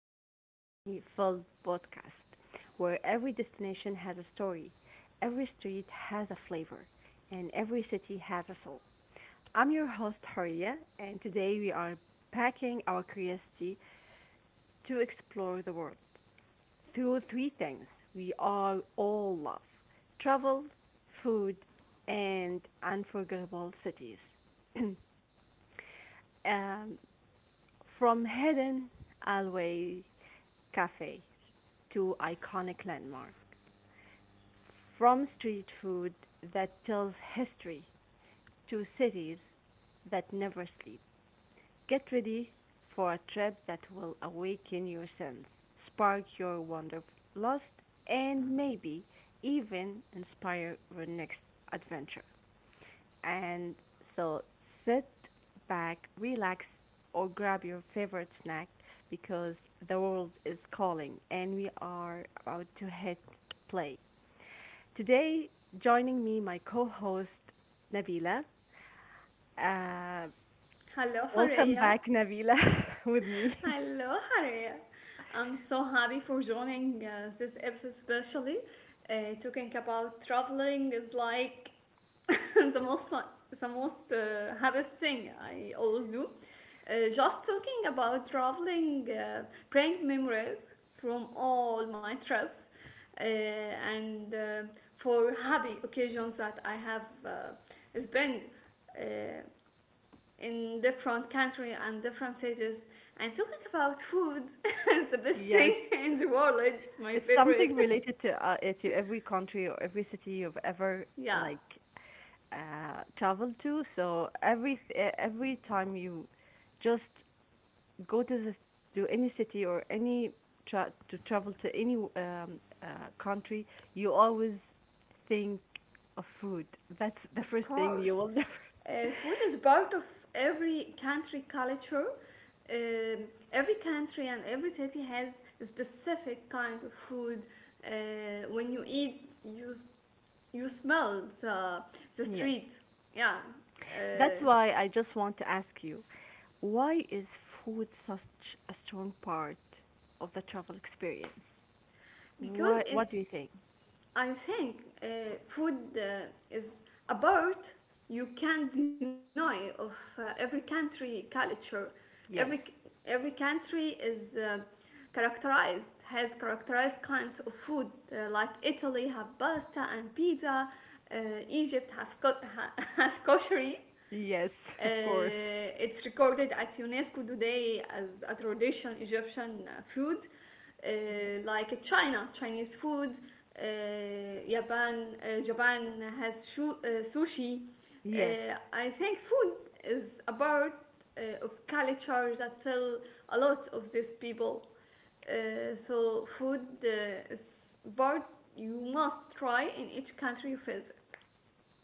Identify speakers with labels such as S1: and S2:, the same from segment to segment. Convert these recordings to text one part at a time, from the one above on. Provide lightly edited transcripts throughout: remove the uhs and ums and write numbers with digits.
S1: of our Journey Filled podcast, where every destination has a story, every street has a flavor, and every city has a soul. I'm your host, Horia, and today we are packing our curiosity to explore the world through three things we all love travel, food, and unforgettable cities. Um, From hidden alleyway cafes to iconic landmarks, from street food that tells history to cities that never sleep. Get ready for a trip that will awaken your sense, spark your wanderlust, and maybe even inspire your next adventure. And so sit back, relax, or grab your favorite snack because the world is calling and we are about to hit play. Today, joining me, my co host, Nabila. Uh,
S2: Hello,
S1: Welcome
S2: Hareya.
S1: back, Nabila, with me.
S2: Hello, Hareya. I'm so happy for joining this episode, especially uh, talking about traveling is like the most the most happiest thing I always do. Just talking about traveling bring memories from all my trips and for happy occasions that I have spent. Uh, in different country and different cities, and talking about food is the best thing
S1: Yes,
S2: in the world. It's my
S1: it's something
S2: favorite.
S1: related to every country or every city you've ever
S2: Yeah,
S1: like traveled to. So every every time you just go to the to any city or any to travel to any uh, country, you always think of food. That's the
S2: of
S1: first thing you
S2: course.
S1: will never.
S2: Food is part of every country culture. Um every country and every city has a specific kind of food, when you eat, you you smell the, the
S1: Yes.
S2: street. Yeah.
S1: That's
S2: uh,
S1: why I just want to ask you, why is food such a strong part of the travel experience?
S2: because
S1: What do
S2: it's
S1: you think?
S2: I think food is a part you can't deny of every country culture. Every
S1: Yes.
S2: every country is characterized has characterized kinds of food, like Italy have pasta and pizza. Uh, Egypt have has koshery.
S1: Yes, of course.
S2: It's recorded at UNESCO today as a traditional Egyptian food, uh,
S1: Yes.
S2: like China, Chinese food. Japan, Japan has sushi. Uh,
S1: Yes,
S2: I think food is a part of culture that tell a lot of these people. So food is part you must try in each country you visit.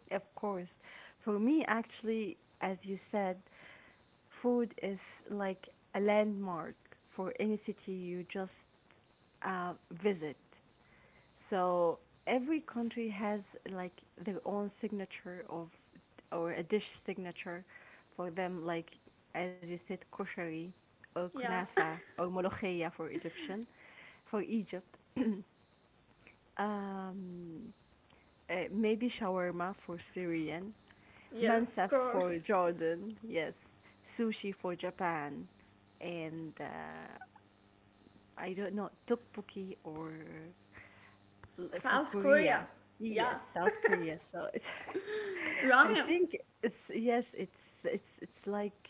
S1: of course. For me, actually, as you said, food is like a landmark for any city you just visit. So every country has like their own signature of or a dish signature for them, like as you said, koshari or
S2: Yeah.
S1: kunafa or molokhia for Egyptian, for Egypt. Um, Maybe shawarma for Syrian,
S2: Yeah, of
S1: mansaf
S2: course.
S1: for Jordan, yes, sushi for Japan, and I don't know, tteokbokki or for
S2: South
S1: Korea.
S2: Korea. Yeah.
S1: Yes, South Korea. So it's, I
S2: Ramya,
S1: think it's yes, it's like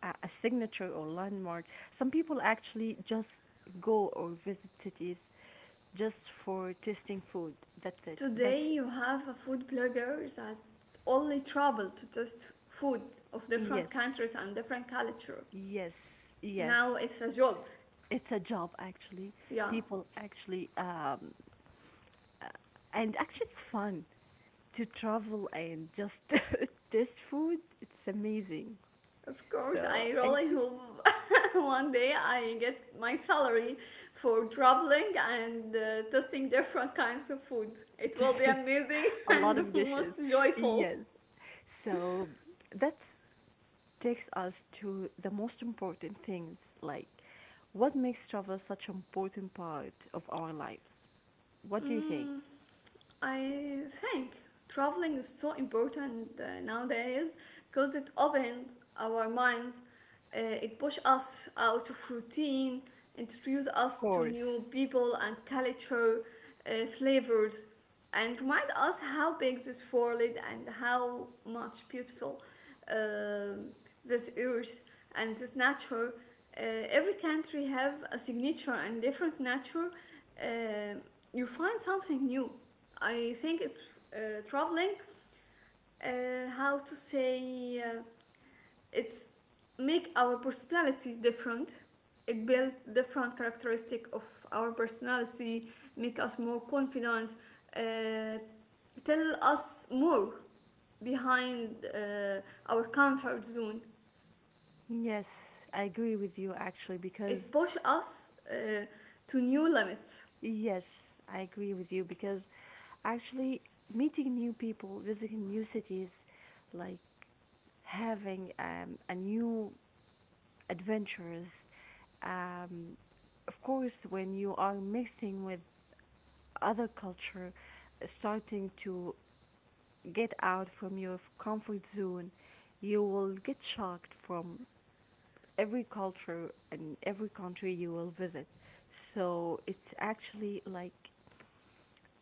S1: a signature or landmark. Some people actually just go or visit cities just for tasting food. That's it.
S2: today
S1: That's
S2: you have a food blogger that only travel to test food of different
S1: yes,
S2: countries and different culture.
S1: yes,
S2: Now
S1: yes.
S2: it's a job.
S1: It's a job actually.
S2: Yeah.
S1: People actually, and actually, it's fun to travel and just taste food. It's amazing.
S2: Of course,
S1: So
S2: I
S1: I
S2: really hope one day I get my salary for traveling and testing different kinds of food. It will be
S1: think
S2: amazing
S1: a lot
S2: and
S1: of
S2: most
S1: dishes.
S2: joyful.
S1: Yes. So that takes us to the most important things, like what makes travel such an important part of our lives? What do you think?
S2: Mm, I think traveling is so important nowadays because it opened our minds. It pushed us out of routine, introduced
S1: Of
S2: us to new
S1: course.
S2: people and culture, flavors, and remind us how big this world is and how much beautiful um this earth and this nature. Every country have a signature and different nature. Um you find something new. I think it's traveling. How to say, it's make our personality different. It build different characteristic of our personality, make us more confident, uh, tell us more behind our comfort zone.
S1: Yes, I agree with you actually
S2: It
S1: because
S2: push us to new limits.
S1: yes, I agree with you because actually meeting new people, visiting new cities, like having a new adventures. Um, of course, when you are mixing with other culture, starting to get out from your comfort zone, you will get shocked from every culture and every country you will visit. So it's actually like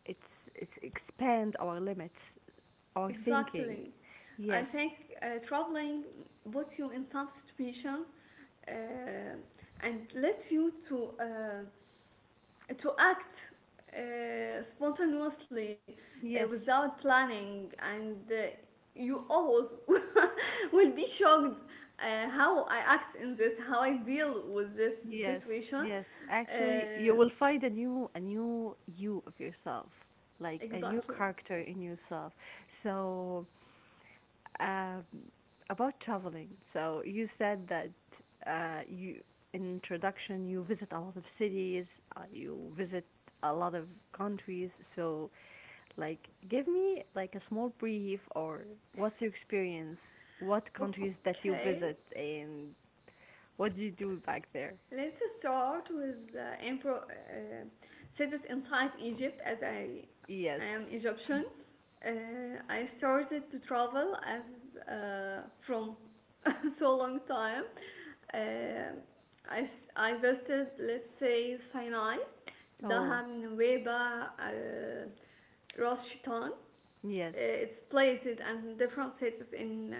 S1: it's expand our limits, our thinking.
S2: Exactly. I
S1: Yes,
S2: think traveling puts you in some situations uh, and lets you to act spontaneously
S1: yes,
S2: without planning, and you always will be shocked how I act in this, how I deal with this
S1: yes,
S2: situation.
S1: yes. Actually, you
S2: Uh,
S1: will find a new you of yourself, like a new
S2: exactly.
S1: character in yourself. So um, about traveling, so you said that you in introduction you visit a lot of cities, you visit a lot of countries. So, like, give me like a small brief or what's your experience? What countries that you
S2: Okay.
S1: visit and what do you do back there?
S2: Let's start with the cities inside Egypt, as I am
S1: Yes.
S2: Egyptian. Uh, I started to travel as from so long time. Uh, I I visited, let's say, Sinai,
S1: Oh,
S2: Dahab, Nuweiba, Ras Shaitan.
S1: yes.
S2: It's places and different cities in uh,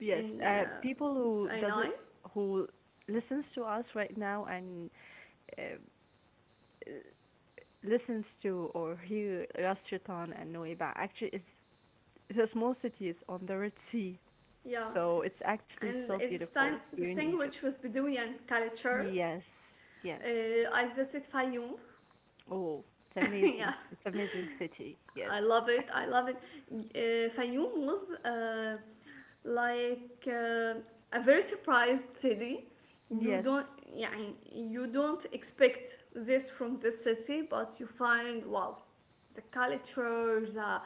S1: Yes.
S2: in uh,
S1: People who does
S2: Sinai.
S1: it who listens to us right now and uh, listens to or hear Ras Shaitan and Nuweiba actually is a small city. Cities on the Red Sea.
S2: Yeah.
S1: So it's actually
S2: And
S1: so
S2: it's
S1: beautiful here in Egypt.
S2: distinguished with Bedouin culture.
S1: Yes, yes.
S2: Uh, I visit Fayoum.
S1: Oh, it's
S2: Yeah,
S1: amazing. It's amazing city.
S2: I
S1: Yes.
S2: love it. I love it. Fayoum was like a very surprised city. You don't,
S1: Yes.
S2: yeah, you don't expect this from this city, but you find, wow, the culture, the uh,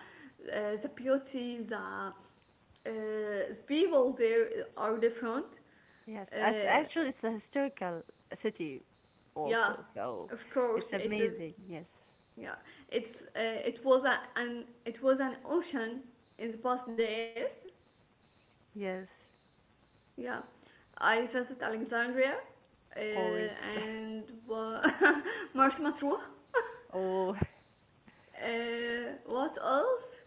S2: the beauty, the people there are different.
S1: Yes. As
S2: Uh,
S1: actually it's a historical city
S2: Yeah,
S1: also. So
S2: of course
S1: it's
S2: it is.
S1: amazing. Yes.
S2: Yeah, it was an ocean in the past days.
S1: Yes.
S2: Yeah, I visited Alexandria
S1: Of course.
S2: and Mars Matruh.
S1: Oh,
S2: What else?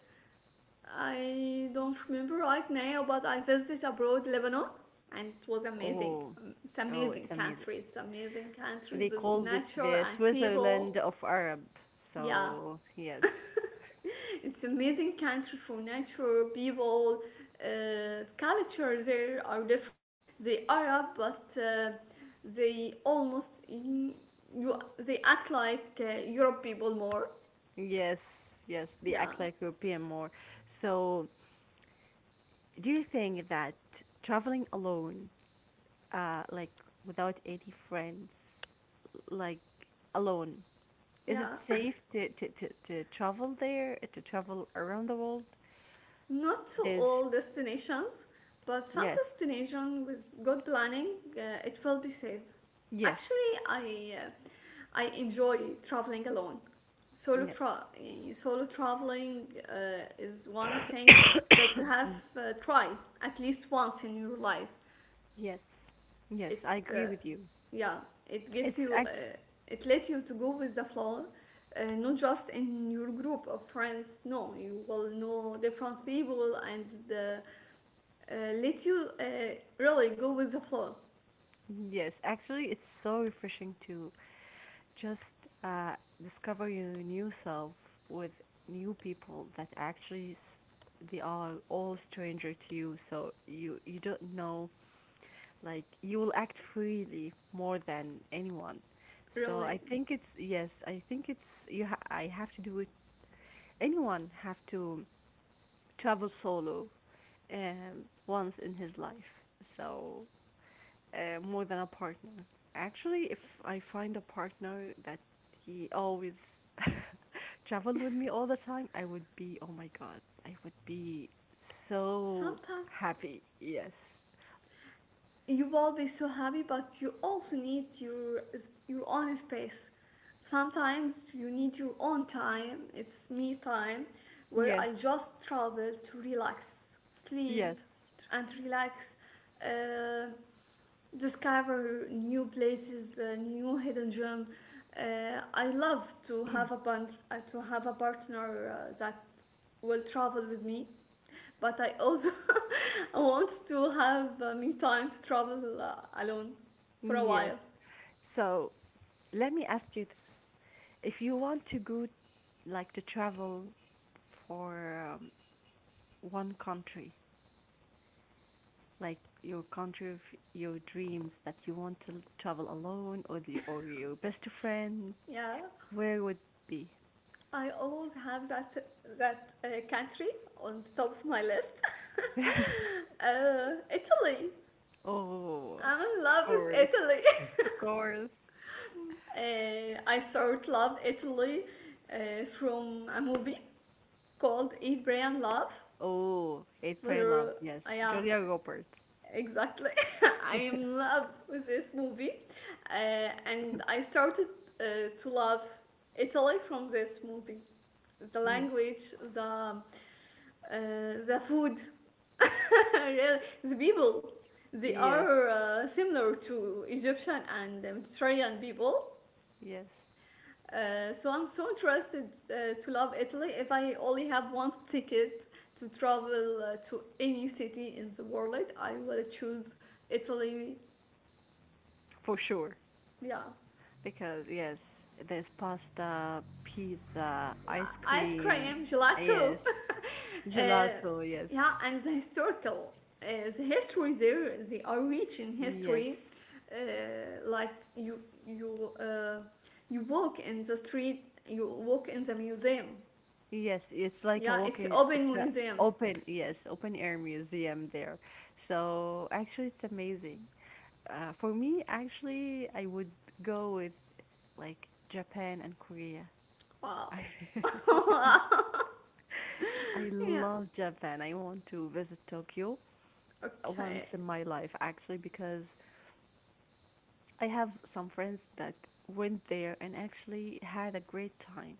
S2: I don't remember right now, but I visited abroad Lebanon and it was amazing.
S1: oh,
S2: It's
S1: oh, it's
S2: amazing
S1: amazing.
S2: country. It's amazing
S1: They
S2: country with
S1: called it the
S2: nature and
S1: Switzerland
S2: people.
S1: of Arab.
S2: Yeah,
S1: So yes,
S2: it's amazing country for nature people culture there are different. They arab, but they almost they act like Europe people more.
S1: yes, yes. They
S2: Yeah.
S1: act like European more. So do you think that traveling alone, like without any friends, like alone, is it
S2: Yeah.
S1: safe to travel there, to travel around the world?
S2: Not to
S1: There's
S2: all destinations, but some
S1: yes,
S2: destination with good planning, uh, it will be safe.
S1: yes,
S2: Actually, I enjoy traveling alone. Solo
S1: yes,
S2: tra- eh, solo traveling is one of things that you have
S1: mm,
S2: try at least once in your life.
S1: yes, yes. I
S2: It
S1: agree with you.
S2: Yeah, it gets
S1: It's
S2: you,
S1: act
S2: it lets you to go with the flow. Not just in your group of friends, no, you will know different people and uh, let you really go with the flow.
S1: yes, actually, it's so refreshing to just uh, discover your new self with new people that actually they are all stranger to you. So you don't know. Like you will act freely more than anyone. So
S2: Really,
S1: I think it's yes. I think it's you. I have to do it. Anyone have to travel solo once in his life. So more than a partner. Actually, if I find a partner that he always travel with me all the time, I would be oh my god, I would be so
S2: sometimes
S1: happy. Yes,
S2: you will be so happy, but you also need your own space. Sometimes you need your own time. It's me time, where I
S1: yes,
S2: just travel to relax, sleep
S1: yes,
S2: and relax, uh, discover new places, new hidden gem. I love to have a band, to have a partner that will travel with me, but I also want to have me time to travel alone for a while.
S1: yes. So let me ask you this: if you want to go, like to travel for one country, like your country of your dreams that you want to travel alone or the, or your best friend,
S2: Yeah,
S1: where would be?
S2: I always have that country on the top of my list. Italy.
S1: Oh,
S2: I'm in
S1: of
S2: love with
S1: course,
S2: Italy.
S1: of course.
S2: I sort of love Italy from a movie called Eat, Pray, and Love.
S1: Oh, Hate, Pray, Love.
S2: For
S1: Yes,
S2: Yeah,
S1: Julia Roberts.
S2: exactly. I am in love with this movie, and I started to love Italy from this movie. The
S1: Mm,
S2: language, the food, really, the
S1: of
S2: people.
S1: course.
S2: They
S1: Yes,
S2: are similar to Egyptian and Mediterranean people.
S1: yes,
S2: So I'm so interested to love Italy. If I only have one ticket to travel to any city in the world, I will choose Italy.
S1: for sure.
S2: Yeah.
S1: Because yes, there's pasta, pizza, ice
S2: Yeah, ice
S1: cream.
S2: cream, gelato.
S1: Yes,
S2: uh,
S1: gelato. Yes,
S2: yeah, and the history there, they are rich in
S1: yes.
S2: history. Like you, uh, you walk in the street, you walk in the museum.
S1: Yes, it's like a
S2: Yeah, it's
S1: walking, it's
S2: open
S1: a
S2: museum.
S1: open, yes, open air museum there. So actually, it's amazing. For me, actually, I would go with like Japan and Korea.
S2: Wow.
S1: I, yes. I
S2: Yeah.
S1: love Japan. I want to visit Tokyo
S2: Okay.
S1: once in my life, actually, because I have some friends that went there and actually had a great time.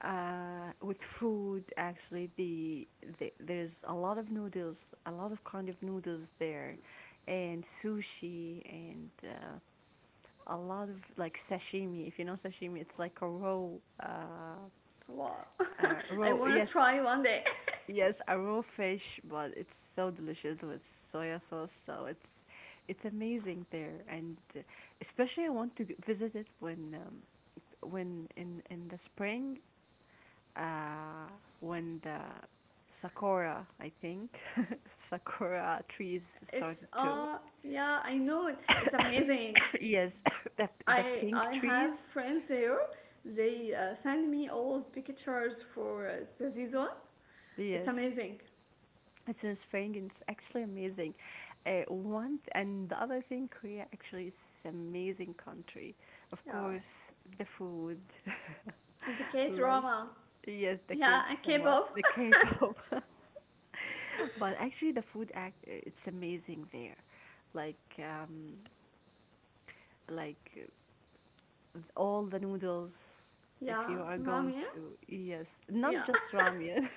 S1: With food, actually, the there's a lot of noodles, a lot of kind of noodles there, and sushi, and a lot of like sashimi. If you know sashimi, it's like a raw, uh,
S2: Wow. I
S1: raw.
S2: wanna
S1: Yes,
S2: try one day.
S1: yes, a raw fish, but it's so delicious with soya sauce. So it's amazing there, and especially I want to visit it when. When in the spring uh, when the sakura, I think, sakura trees
S2: It's
S1: started to
S2: Yeah, I know it. It's amazing.
S1: yes, the the
S2: I
S1: pink
S2: I have
S1: trees.
S2: friends here. They send me always pictures for the season. It's
S1: Yes,
S2: amazing.
S1: it's inspiring. And it's actually amazing. One and the other thing, Korea actually is amazing country. Of
S2: Yeah,
S1: course, the food,
S2: the K
S1: like
S2: drama.
S1: yes, the
S2: Yeah,
S1: kid
S2: and
S1: from what the
S2: K-pop.
S1: K-pop, but actually the food act it's amazing there. Like um, like with all the noodles if
S2: Yeah,
S1: you are going
S2: ramen.
S1: to yes not
S2: Yeah,
S1: just ramen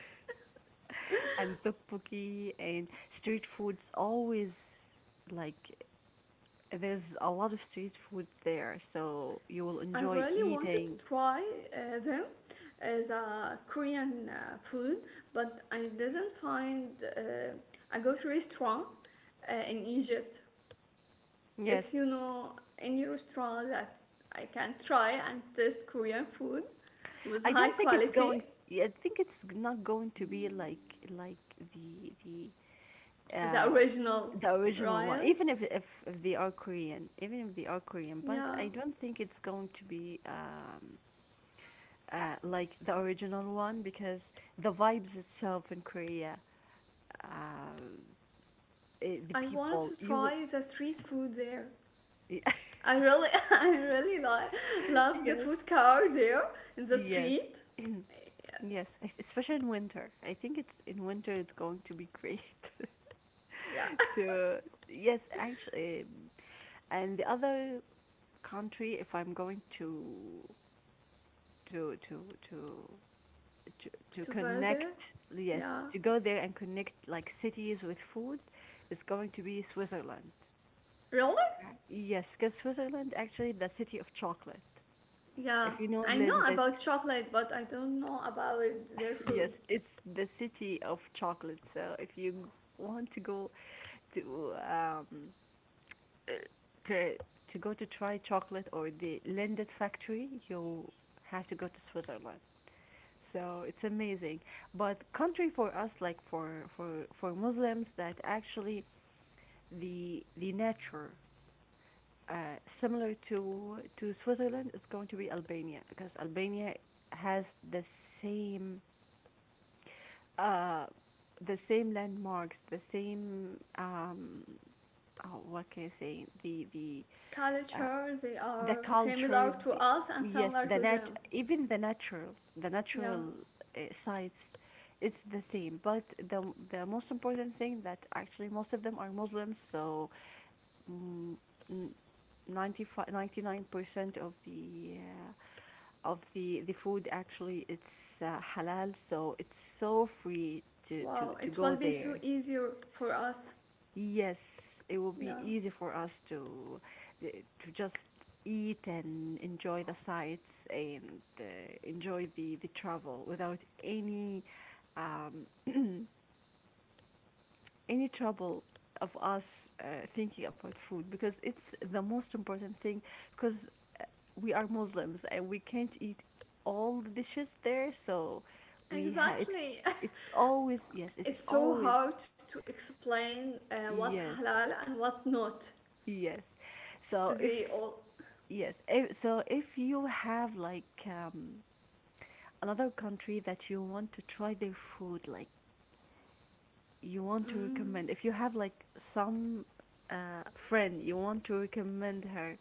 S1: and tteokbokki and street foods always like there's a lot of street food there so you will
S2: I
S1: enjoy
S2: really wanted to
S1: eating
S2: try them as a Korean food, but I didn't find a good restaurant in Egypt.
S1: yes
S2: If you know any restaurant that I can try and taste Korean food with
S1: I
S2: high
S1: don't think it's
S2: quality,
S1: going I think it's not going to be like the
S2: the
S1: uh
S2: original.
S1: the original one
S2: Ryan.
S1: even if, if they are korean even if they are korean but
S2: Yeah,
S1: I don't think it's going to be like the original one because the vibes itself in Korea, uh, the
S2: I wanted
S1: people
S2: to
S1: you will
S2: try the street food there. I really, I really like love the food
S1: yes
S2: car there in the
S1: y-
S2: street.
S1: yes especially in winter. I think it's in winter it's going to be great
S2: Yeah,
S1: to yes actually and the other country if I'm going to to to
S2: to
S1: to
S2: buy there.
S1: connect yes
S2: Yeah,
S1: to go there and connect like cities with food is going to be Switzerland.
S2: really?
S1: Yes, because Switzerland actually the city of chocolate. If
S2: Yeah,
S1: you know
S2: I know
S1: Lynn, that
S2: about chocolate, but I don't know about their
S1: yes,
S2: food
S1: it's the city of chocolate. So if you want to go to um uh, to to go to try chocolate or the Lindt factory, you have to go to Switzerland. So it's amazing. But country for us, like for for Muslims, that actually the nature similar to Switzerland is going to be Albania because Albania has uh, the same landmarks, the same oh, what can I say? Uh,
S2: culture. They
S1: the
S2: are
S1: culture,
S2: similar to
S1: the,
S2: us and
S1: yes,
S2: similar
S1: the
S2: to
S1: nat
S2: them.
S1: even the
S2: Yeah.
S1: natural sites, it's the same. But the most important thing that actually most of them are Muslims, so mm, n- 95 99% of the food actually it's halal so it's so free
S2: Wow,
S1: to
S2: it
S1: go
S2: will be so
S1: there
S2: easier for us.
S1: yes it will be
S2: Yeah.
S1: easy for us uh, to just eat and enjoy the sights and enjoy the travel without any um, any trouble of us thinking about food because it's the most important thing because we are Muslims and we can't eat all the dishes there, so we have
S2: Exactly.
S1: it's
S2: It's so
S1: always
S2: hard to explain what's
S1: yes,
S2: halal and what's not.
S1: yes. So
S2: They
S1: if
S2: all,
S1: yes, if, so if you have like another country that you want to try their food, like you want to
S2: mm,
S1: recommend, if you have like some friend you want to recommend her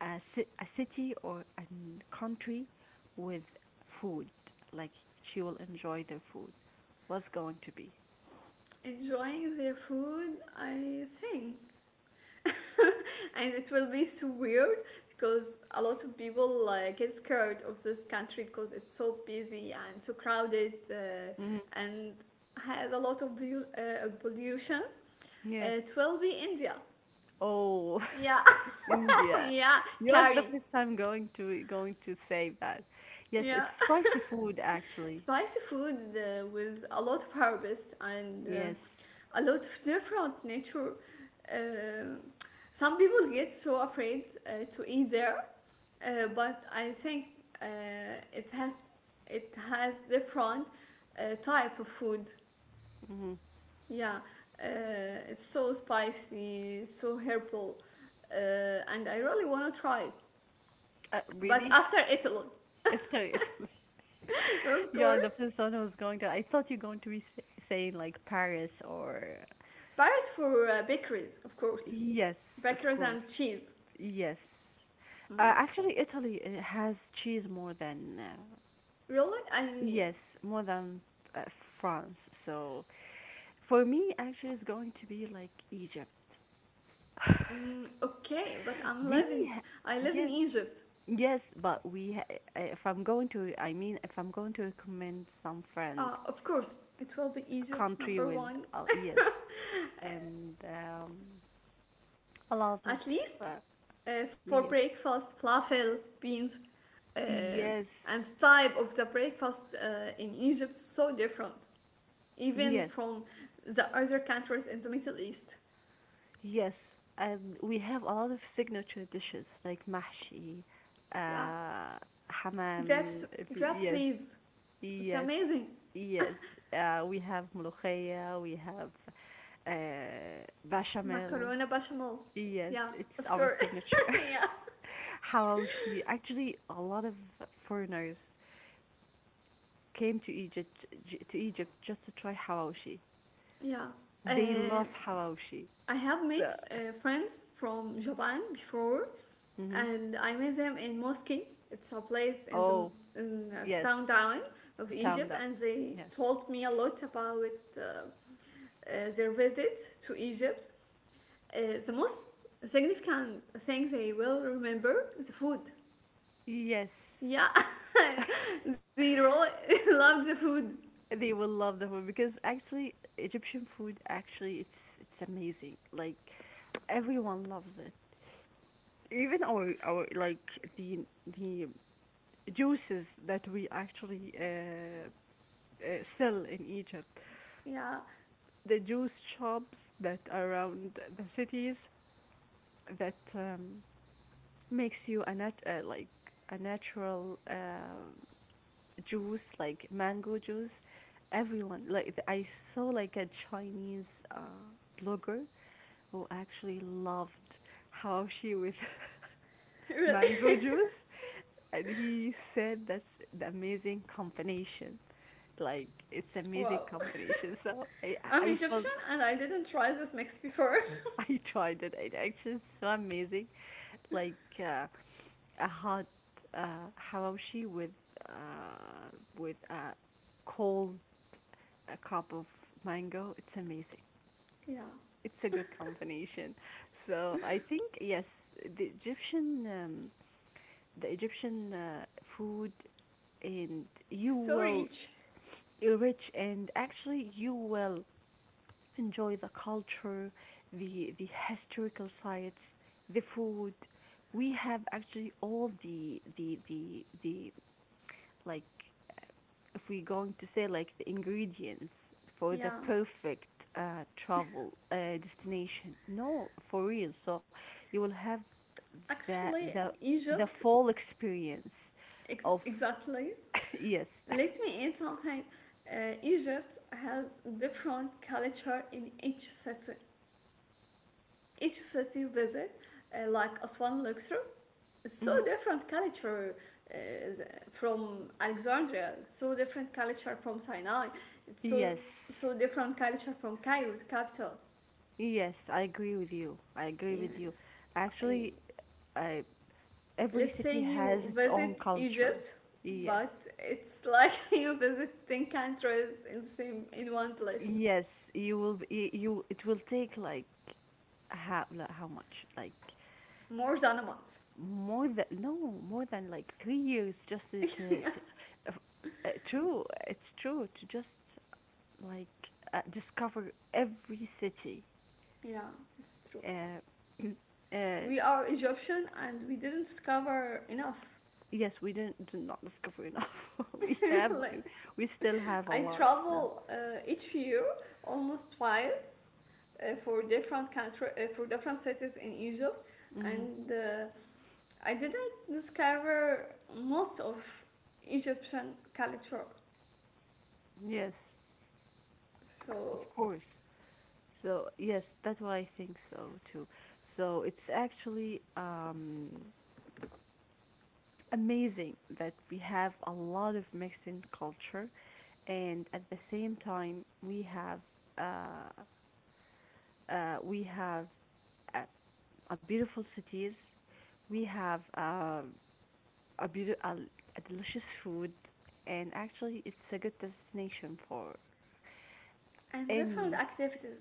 S1: a, a city or a country with food. Like she will enjoy their food. What's going to be?
S2: enjoying their food, I think. And it will be so weird because a lot of people get scared of this country because it's so busy and so crowded,
S1: Mhm.
S2: and has a lot of pollution. Uh,
S1: Yes.
S2: it will be India.
S1: Oh,
S2: Yeah.
S1: India.
S2: Yeah,
S1: You're the
S2: curry.
S1: first time going to say that. Yes,
S2: Yeah,
S1: it's spicy food actually.
S2: spicy food with a lot of herbs, and
S1: Yes.
S2: a lot of different nature. Uh, some people get so afraid to eat there, but I think uh, it has it has different type of food.
S1: Hmm.
S2: Yeah, it's so spicy, so herbal, and I really want to try it. But
S1: Really?
S2: after Italy.
S1: After it,
S2: Of
S1: you're the
S2: course.
S1: first one who's going to. I thought you're going to be saying like Paris or.
S2: Paris for bakeries, of course,
S1: Yes, of
S2: bakeries
S1: course.
S2: and cheese.
S1: Yes.
S2: Yeah.
S1: Actually, Italy has cheese more than,
S2: Really, I
S1: yes, more than uh, France. So for me, actually, it's going to be like Egypt.
S2: mm, okay, but I'm
S1: We,
S2: living.
S1: ha-
S2: I live in
S1: yes,
S2: Egypt.
S1: yes, but we, ha- if I'm going to, I mean, if I'm going to recommend some friend
S2: Of course, it will be Egypt
S1: country
S2: number
S1: with,
S2: one.
S1: yes, and a lot
S2: At
S1: of,
S2: least
S1: uh,
S2: for
S1: yes,
S2: breakfast, falafel, beans, uh, and
S1: yes,
S2: type of the breakfast in Egypt so different, even
S1: yes,
S2: from the other countries in the Middle East.
S1: yes, and we have a lot of signature dishes like mahshi,
S2: Yeah,
S1: uh, hamam.
S2: grapes,
S1: If you,
S2: grapes
S1: yes,
S2: leaves. It's
S1: yes,
S2: amazing.
S1: yes. We have molokhaya, we have bechamel.
S2: Macaroni bechamel.
S1: Yes,
S2: Yeah,
S1: it's
S2: of
S1: our
S2: course.
S1: signature.
S2: Yeah,
S1: Hawashi. Actually, a lot of foreigners came to Egypt to Egypt just to try hawashi.
S2: yeah.
S1: They love
S2: Uh,
S1: hawashi.
S2: I have
S1: So,
S2: made friends from Japan before,
S1: hmm
S2: and I met them in Moscow. It's a place in the
S1: Oh, yes,
S2: downtown of
S1: Town
S2: Egypt,
S1: up.
S2: and they
S1: Yes.
S2: told me a lot about their visit to Egypt. The most significant thing they will remember is the food.
S1: Yes,
S2: Yeah, they really loved the food.
S1: they will love the food because actually Egyptian food actually it's amazing. Like everyone loves it. Even our like the juices that we actually sell in Egypt,
S2: Yeah,
S1: the juice shops that are around the cities that makes you a a natural juice, like mango juice. Everyone I saw like a Chinese blogger who actually loved how she with
S2: really.
S1: mango juice, and he said that's the amazing combination. Like it's amazing
S2: Wow,
S1: combination. So I
S2: I'm
S1: I I felt
S2: Egyptian and I didn't try this mix before.
S1: I tried it. It actually is so amazing. Like a hot hawashi uh, with a cold a cup of mango. It's amazing.
S2: Yeah,
S1: It's a good combination. So I think yes, the Egyptian food, and you
S2: so
S1: will
S2: rich.
S1: enrich and actually you will enjoy the culture, the historical sites, the food. We have actually all the like if we're going to say like the ingredients for the
S2: Yeah.
S1: perfect travel destination. No, for real. So you will have the
S2: Actually,
S1: the the
S2: Egypt,
S1: full experience of
S2: exactly.
S1: yes.
S2: Let me add something. Egypt has different culture in each city. Each city visit, like Aswan, Luxor, it's so
S1: Mhm.
S2: different culture uh, from Alexandria. It's so different culture from Sinai. It's so
S1: Yes,
S2: so different culture from Cairo's capital.
S1: yes, I agree with you. I agree
S2: Yeah.
S1: with you. Actually,
S2: I-
S1: uh, every
S2: let's say
S1: city
S2: you
S1: has its own
S2: visit
S1: culture.
S2: Egypt,
S1: Yes.
S2: but it's like you visit 10 countries in the same in one place.
S1: Yes, you it will take like how much? Like
S2: More than a month.
S1: more than no, more than like 3 years just
S2: Yeah.
S1: to f- true, it's true to just like discover every city.
S2: Yeah, it's true.
S1: Uh, uh,
S2: We are Egyptian and we didn't discover enough.
S1: yes, we did not discover enough. we have
S2: Really.
S1: we still have a
S2: I
S1: lot. So.
S2: travel each year almost twice, for different country, for different cities in Egypt,
S1: Hmm.
S2: and I didn't discover most of Egyptian culture.
S1: Yes,
S2: So,
S1: of course. So yes, that's why I think so too. So it's actually amazing that we have a lot of Mexican culture, and at the same time uh, we have a, a beautiful cities, we have a, beauti- a, a delicious food, and actually it's a good destination for
S2: and
S1: any
S2: different activities.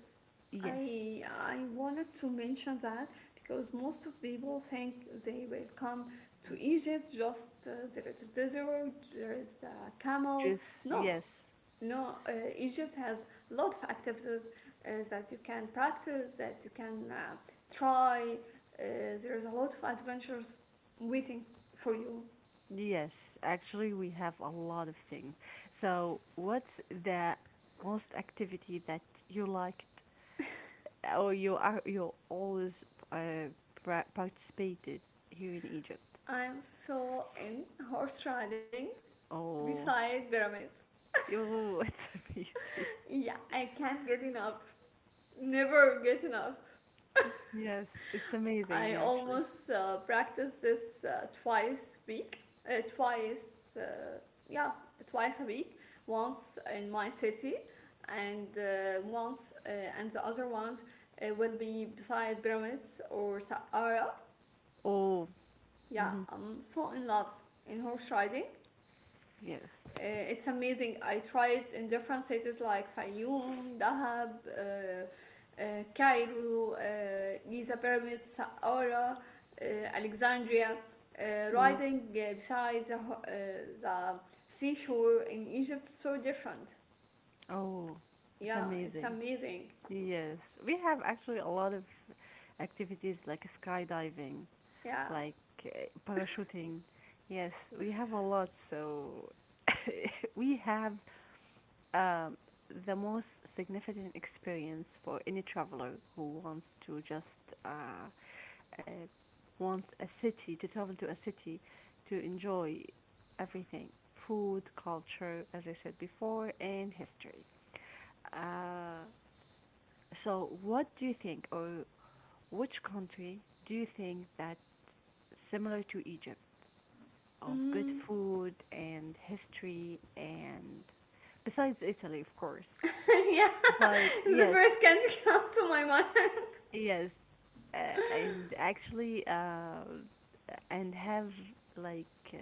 S1: yes,
S2: I wanted to mention that because most of people think they will come to Egypt, just there is a desert, there is camels.
S1: just
S2: No,
S1: yes,
S2: no. Egypt has a lot of activities that you can practice, that you can try. Uh, there is a lot of adventures waiting for you.
S1: Yes, actually, we have a lot of things. So, what's the most activity that you liked or you always uh, participated here in Egypt?
S2: I'm so in horse riding
S1: Oh,
S2: beside pyramids.
S1: oh, it's amazing.
S2: Yeah, I can't get enough. Never get enough.
S1: Yes, it's amazing
S2: I
S1: actually.
S2: almost practice this twice week, uh, twice, uh, yeah, twice a week. Once in my city, and once and the other ones will be beside pyramids or Saara.
S1: Oh,
S2: Yeah,
S1: hmm
S2: I'm so in love in horse riding.
S1: yes.
S2: It's amazing. I tried in different cities like Fayoum, Dahab, Cairo, Giza Pyramid, Saqqara, Alexandria.
S1: Hmm.
S2: Riding beside the, the seashore in Egypt so different.
S1: Oh, it's
S2: Yeah, it's
S1: amazing.
S2: amazing.
S1: Yes, we have actually a lot of activities like skydiving.
S2: Yeah.
S1: Like uh, parachuting. Yes, we have a lot. So we have um, the most significant experience for any traveler who wants to just uh, uh, wants a city to travel to a city to enjoy everything, food, culture, as I said before, and history. uh, so what do you think, or which country do you think that similar to Egypt of good
S2: Mm.
S1: food and history and besides Italy, of course.
S2: Yeah,
S1: But
S2: it's the
S1: yes,
S2: first country come to my mind.
S1: yes, uh, and actually, and have like uh,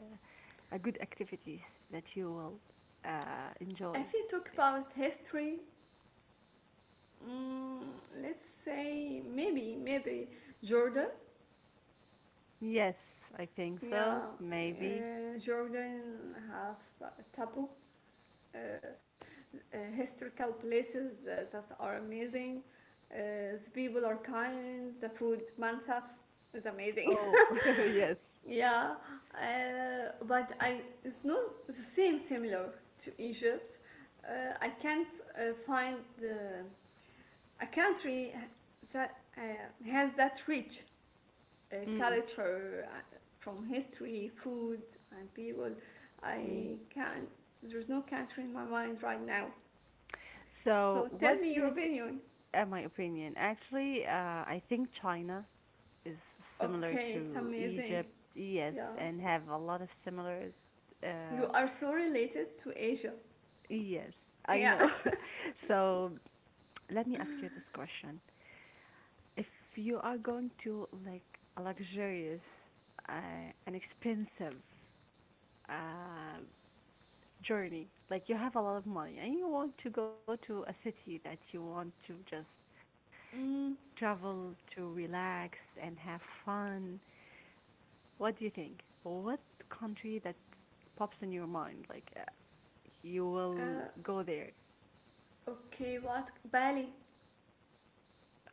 S1: a good activities that you will enjoy
S2: If you talk
S1: there.
S2: about history, mm, let's say maybe Jordan.
S1: Yes, I think
S2: Yeah,
S1: so. Maybe.
S2: Jordan have taboo historical places that are amazing. Uh, the people are kind. The food, mansaf, is amazing.
S1: Oh, yes.
S2: Yeah, but I it's not the same similar to Egypt. I can't find the, a country that has that reach
S1: Mm,
S2: culture, from history, food, and people.
S1: mm.
S2: I can't, there's no country in my mind right now.
S1: So,
S2: So tell
S1: what
S2: me
S1: do
S2: your
S1: you think?
S2: opinion.
S1: My opinion, actually, I think China is similar
S2: Okay, it's
S1: to
S2: amazing.
S1: Egypt. Yes,
S2: Yeah.
S1: and have a lot of similar. Uh,
S2: You are so related to Asia.
S1: yes, I
S2: Yeah.
S1: know. So let me ask you this question: if you are going to like a luxurious, an expensive uh, journey, like you have a lot of money and you want to go to a city that you want to just
S2: Mm,
S1: travel to relax and have fun. What do you think? What country that pops in your mind? Like you will
S2: uh,
S1: go there.
S2: okay, what? Bali.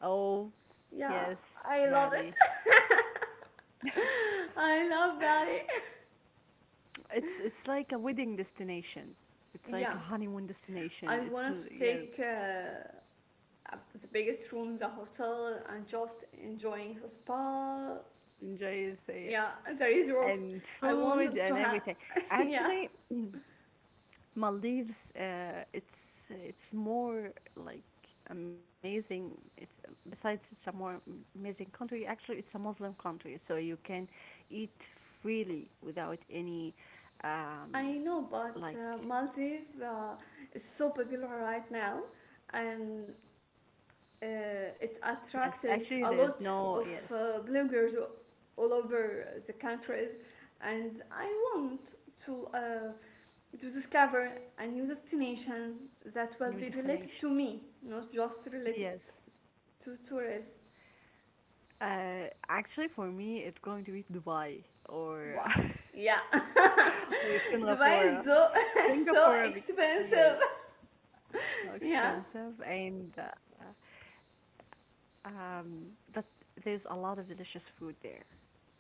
S1: Oh,
S2: Yeah,
S1: yes,
S2: I love it.
S1: Bali.
S2: I love Bali.
S1: It's like a wedding destination. It's like
S2: Yeah,
S1: a honeymoon destination.
S2: I
S1: It's
S2: wanted to
S1: yeah,
S2: take the biggest room, the hotel, and just enjoying the spa.
S1: enjoy it. Say it.
S2: Yeah, there is work.
S1: And
S2: I
S1: food
S2: want to
S1: and
S2: have.
S1: everything.
S2: Yeah,
S1: Actually, Maldives, it's more like amazing. It's besides it's a more amazing country. Actually, it's a Muslim country, so you can eat freely without any, um,
S2: I know,
S1: like
S2: but Maldives is so popular right now, and it
S1: yes.
S2: attracted
S1: Actually,
S2: a
S1: there's
S2: lot
S1: no
S2: of
S1: yes
S2: bloggers all over the countries, and I want to uh, to discover a new destination that will
S1: new
S2: be related to
S1: destination.
S2: me, not just related
S1: Yes.
S2: to tourists.
S1: Actually, for me, it's going to be Dubai or
S2: Wow. Yeah.
S1: or
S2: Dubai
S1: Singapore.
S2: is so so
S1: Singapore, because, yeah,
S2: expensive.
S1: it's so
S2: Yeah.
S1: expensive and. Uh, but there's a lot of delicious food there.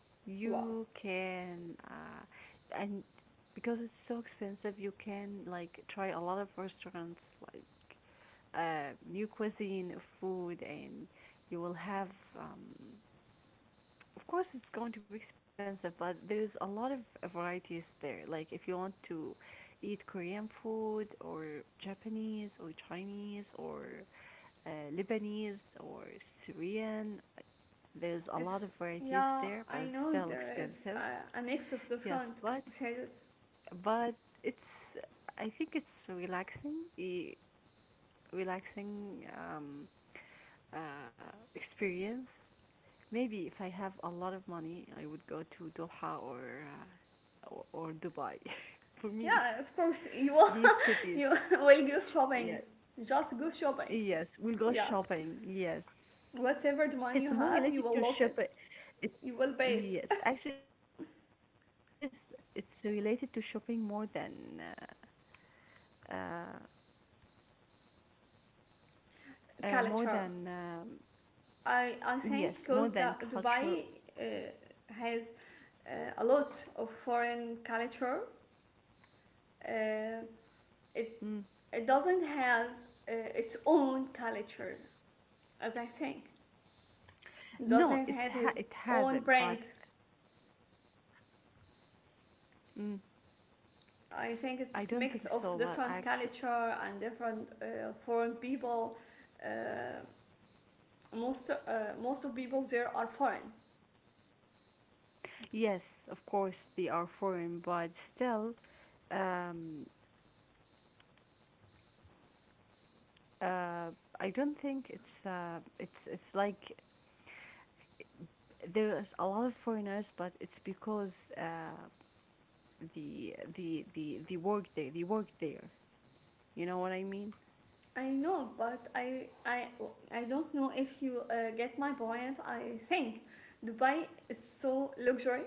S1: You
S2: Wow.
S1: can, and because it's so expensive, you can like try a lot of restaurants, like new cuisine, food, and you will have. Um, of course, it's going to be expensive, but there's a lot of varieties there. Like if you want to eat Korean food or Japanese or Chinese or uh, Lebanese or Syrian, there's a lot of
S2: It's
S1: varieties there, but
S2: yeah.
S1: it's
S2: I
S1: still
S2: know there
S1: expensive.
S2: is a mix
S1: Yes,
S2: of different sizes.
S1: but it's I think it's relaxing, the relaxing uh, experience. Maybe if I have a lot of money, I would go to Doha or Dubai. For me,
S2: Yeah. Of course,
S1: these
S2: you will
S1: cities,
S2: you will go
S1: yes,
S2: shopping. Just go shopping.
S1: yes, we'll go
S2: Yeah.
S1: shopping. Yes,
S2: Whatever the
S1: it's
S2: money
S1: more
S2: you have,
S1: related
S2: you
S1: to
S2: will lose
S1: shopping.
S2: it.
S1: It,
S2: You will pay it.
S1: yes, actually, it's related to shopping uh, uh, more than
S2: Culture.
S1: yes, more
S2: I
S1: than
S2: I think
S1: culture.
S2: because the Dubai uh, has a lot of foreign culture.
S1: Mm.
S2: Uh, it it doesn't have its own culture, as I think.
S1: No, it's
S2: It
S1: ha it
S2: doesn't
S1: has
S2: has
S1: it,
S2: his
S1: but
S2: own brand.
S1: mm, I
S2: I
S1: don't
S2: think
S1: think so.
S2: it's a
S1: But
S2: mix of
S1: actually,
S2: different culture and different foreign people. Uh, most uh, most of people there are foreign.
S1: yes, of course they are foreign, but still, um, uh, I don't think it's like there's a lot of foreigners, but it's because the work there, they work there. You know what I mean?
S2: I know, but I I don't know if you get my point. I think Dubai is so luxury,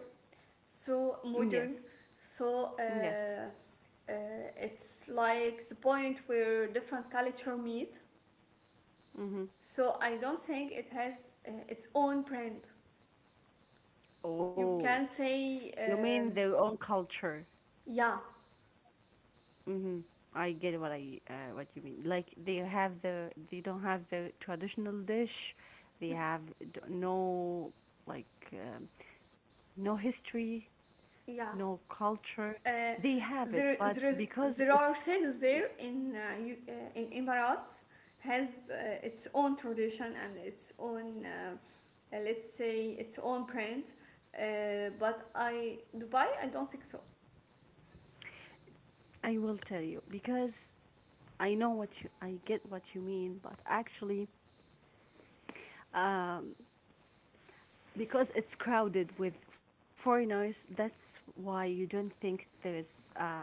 S2: so modern,
S1: Yes,
S2: so
S1: yes.
S2: uh, uh, it's like the point where different culture meet.
S1: Mm-hmm.
S2: So I don't think it has its own brand. You
S1: Oh.
S2: can say
S1: You mean their own culture?
S2: yeah,
S1: Hmm. I get what I what you mean. Like they have the they don't have the traditional dish. No, like no history,
S2: yeah.
S1: no culture.
S2: uh,
S1: They have it, but because
S2: there
S1: it's
S2: are cities
S1: c-
S2: there in in Emirates has its own tradition and its own let's say its own print. But I Dubai, I don't think so.
S1: I will tell you because I know what you I get what you mean, but actually um, because it's crowded with foreigners, that's why you don't think there is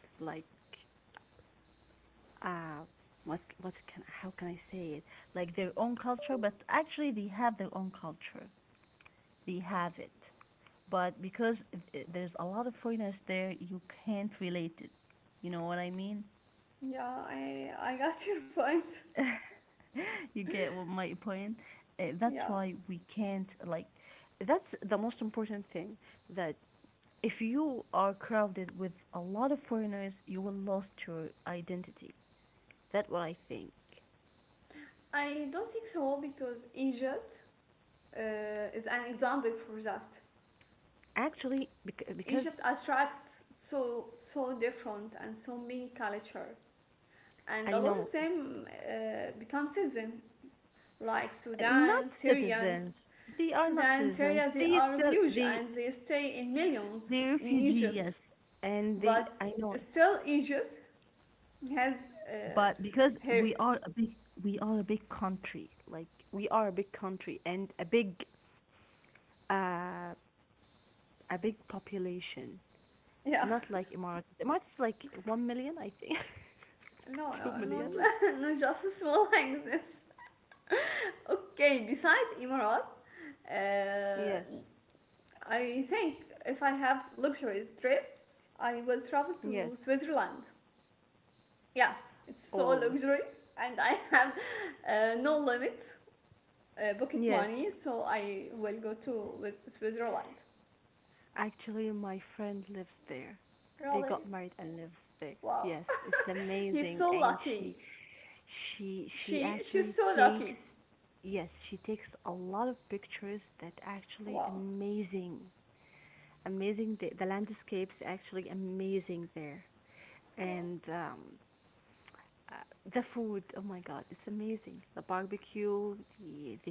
S1: like uh what can, how can I say it, like their own culture, but actually they have their own culture, they have it, but because there's a lot of foreigners there, you can't relate it, you know what I mean.
S2: Yeah, I got your point.
S1: You get what my point.
S2: Yeah,
S1: That's why we can't like that's the most important thing that if you are crowded with a lot of foreigners you will lost your identity, that's what I think,
S2: I don't think so because Egypt uh, is an example for that.
S1: actually because
S2: Egypt attracts so so different and so many culture and
S1: I
S2: a lot
S1: know.
S2: of them become citizen, like
S1: Not
S2: Sudan, Syrian.
S1: citizens. They are not
S2: Sudan, Syria,
S1: citizens.
S2: they are refugees and they stay in millions
S1: They
S2: in
S1: refugee,
S2: Egypt.
S1: yes. And they,
S2: But
S1: I know it.
S2: still, Egypt has uh,
S1: But because
S2: her
S1: we are a big we are a big country. Like we are a big country and uh a big population. Not
S2: yeah.
S1: like Emiratis. Emiratis is like 1 million, I think. Two
S2: No, no,
S1: millions.
S2: not not just small like this. Okay, besides Emirat, uh, I think if I have luxuries trip, I will travel
S1: Yes.
S2: to Switzerland. Yeah, it's
S1: Oh.
S2: so luxury, and I have no limit pocket
S1: Yes.
S2: money, so I will go to with Switzerland.
S1: Actually, my friend lives there. They got
S2: Really,
S1: married and lives there.
S2: wow,
S1: Yes, it's amazing.
S2: he's so
S1: And
S2: lucky.
S1: she
S2: She,
S1: actually
S2: she's so
S1: takes,
S2: lucky.
S1: yes, she takes a lot of pictures that actually
S2: Wow,
S1: amazing, amazing. The landscape's actually amazing there.
S2: wow.
S1: And uh, the food, oh my God, it's amazing. The barbecue, the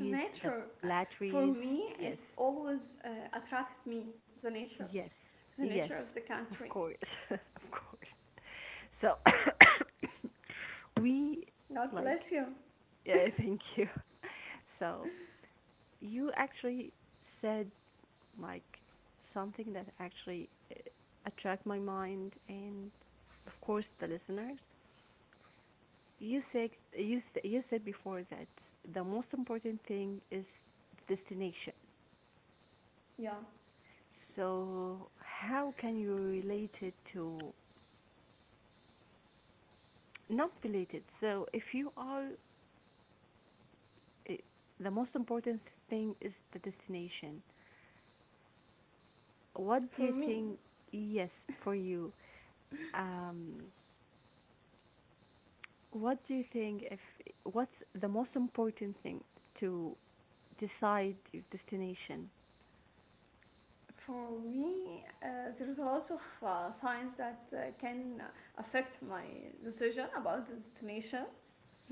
S2: The
S1: the
S2: nature, for
S1: blatteries.
S2: me,
S1: Yes.
S2: it's always attracted me. The nature,
S1: Yes,
S2: the nature of the
S1: yes,
S2: country.
S1: of course, of course. So we
S2: God
S1: like,
S2: bless you.
S1: yeah, thank you. So you actually said like something that actually attract my mind and of course the listeners. You said you said before that the most important thing is destination.
S2: Yeah,
S1: So how can you relate it to not related? So if you are it, the most important thing is the destination. What do
S2: for
S1: you
S2: me.
S1: think? Yes, for you. Um, what do you think? If what's the most important thing to decide your destination?
S2: For me, there is a lot of signs that can affect my decision about the destination.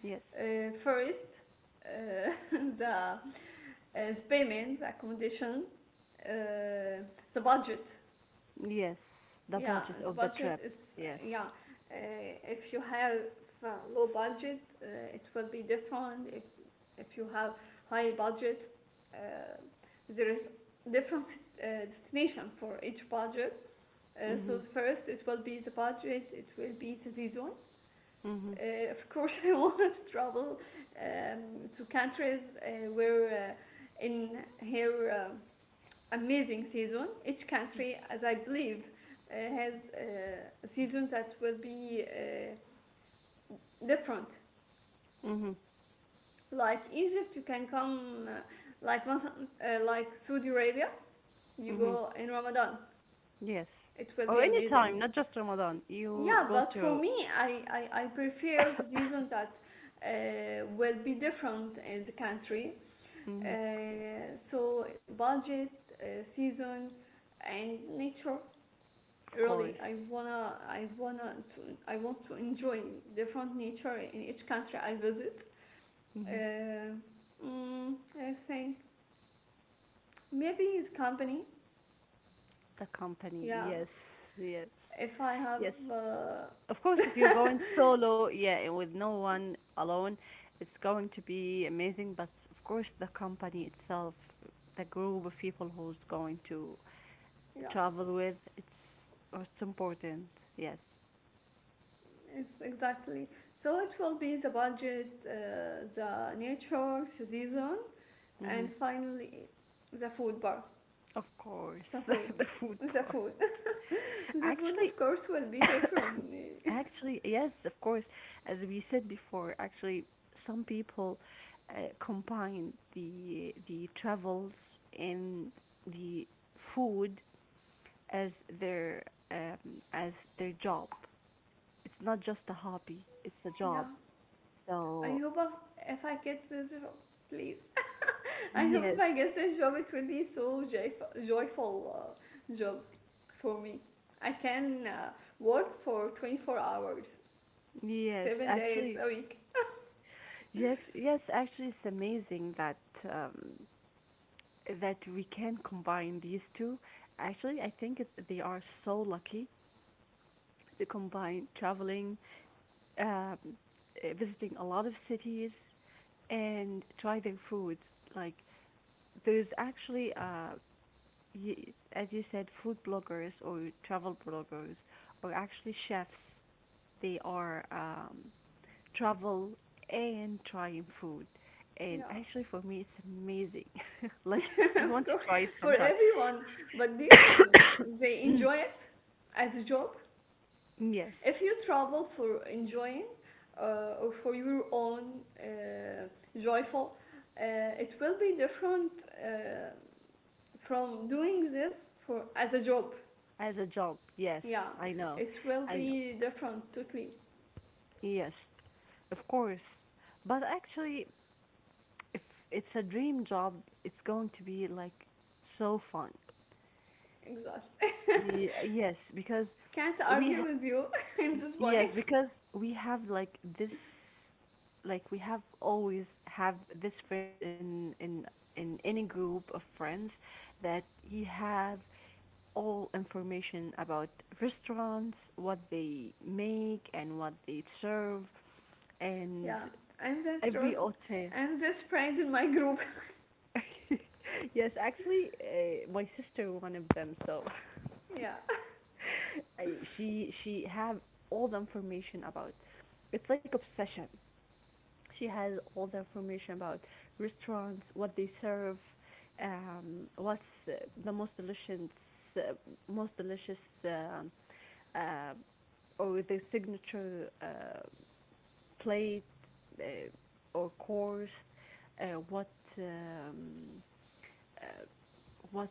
S1: Yes,
S2: First, uh, the, uh, the payments, accommodation, uh, the budget.
S1: yes. The
S2: Yeah,
S1: budget
S2: the
S1: of the
S2: budget
S1: trip.
S2: is, yeah,
S1: Yes.
S2: if you have uh, low budget, it will be different. If you have high budget, uh, there is different destination for each budget. So
S1: Mhm.
S2: first it will be the budget, it will be the season.
S1: Mhm.
S2: Of course, I want to travel to countries where in here amazing season. Each country, as I believe, has seasons that will be different.
S1: Mhm.
S2: Like Egypt, you can come like Saudi Arabia. You
S1: Mhm.
S2: go in Ramadan.
S1: Yes.
S2: It will be
S1: Or any
S2: amazing.
S1: time, not just Ramadan. You
S2: Yeah,
S1: go
S2: but for
S1: to.
S2: me, I prefer season that will be different in the country.
S1: Mhm.
S2: So budget, season, and nature.
S1: Of
S2: Really,
S1: course.
S2: I want to enjoy different nature in each country I visit.
S1: Mhm.
S2: Uh, mm, I think maybe it's company.
S1: The company.
S2: Yeah,
S1: Yes. Yes.
S2: if I have,
S1: Yes. Of course, if you're going solo, yeah, and with no one alone, it's going to be amazing. But of course, the company itself, the group of people who's going to
S2: yeah.
S1: travel with, it's important. Yes,
S2: It's exactly. So it will be the budget, the nature, the season,
S1: hmm
S2: and finally the food bar.
S1: of
S2: The
S1: course,
S2: food.
S1: the food
S2: The
S1: part.
S2: food. The food,
S1: Actually,
S2: of course, will be different.
S1: actually, yes, of course. As we said before, actually, some people combine the travels and the food as their um, as their job. It's not just a hobby; it's a
S2: Yeah.
S1: job.
S2: I
S1: So
S2: hope if I get this job, please. I hope if
S1: yes,
S2: I get this job, it will be so joyful job for me. I can work for 24 hours,
S1: yes,
S2: 7 days
S1: actually,
S2: a week.
S1: yes, yes, actually, it's amazing that um, that we can combine these two. Actually, I think it's, they are so lucky to combine traveling, um, visiting a lot of cities, and try their foods. Like there's actually as you said, food bloggers or travel bloggers, or actually chefs, they are travel and trying food. And
S2: Yeah.
S1: actually, for me, it's amazing. Like, I
S2: Of
S1: want to
S2: course,
S1: try it
S2: for
S1: sometime.
S2: everyone. But do you think they enjoy it as a job? If
S1: Yes,
S2: you travel for enjoying or for your own joyful, it will be different uh, from doing this for as a job.
S1: as a job.
S2: Yeah,
S1: Yes, I know.
S2: it will
S1: I know.
S2: be different totally.
S1: Yes, of course. But actually, if it's a dream job, it's going to be like so fun.
S2: Exactly.
S1: Yes, because
S2: Can't
S1: we
S2: argue
S1: ha
S2: with you in this
S1: yes,
S2: point.
S1: because we have like this, like we have always have this friend in any group of friends that he have all information about restaurants, what they make and what they serve, and
S2: Yeah, I'm this
S1: every
S2: rose.
S1: hotel.
S2: I'm this friend in my group.
S1: Yes, actually, my sister one of them. So
S2: Yeah.
S1: I she have all the information about. It's like obsession. She has all the information about restaurants, what they serve, what's the most delicious, um uh, or the signature plate or course, uh, what um, what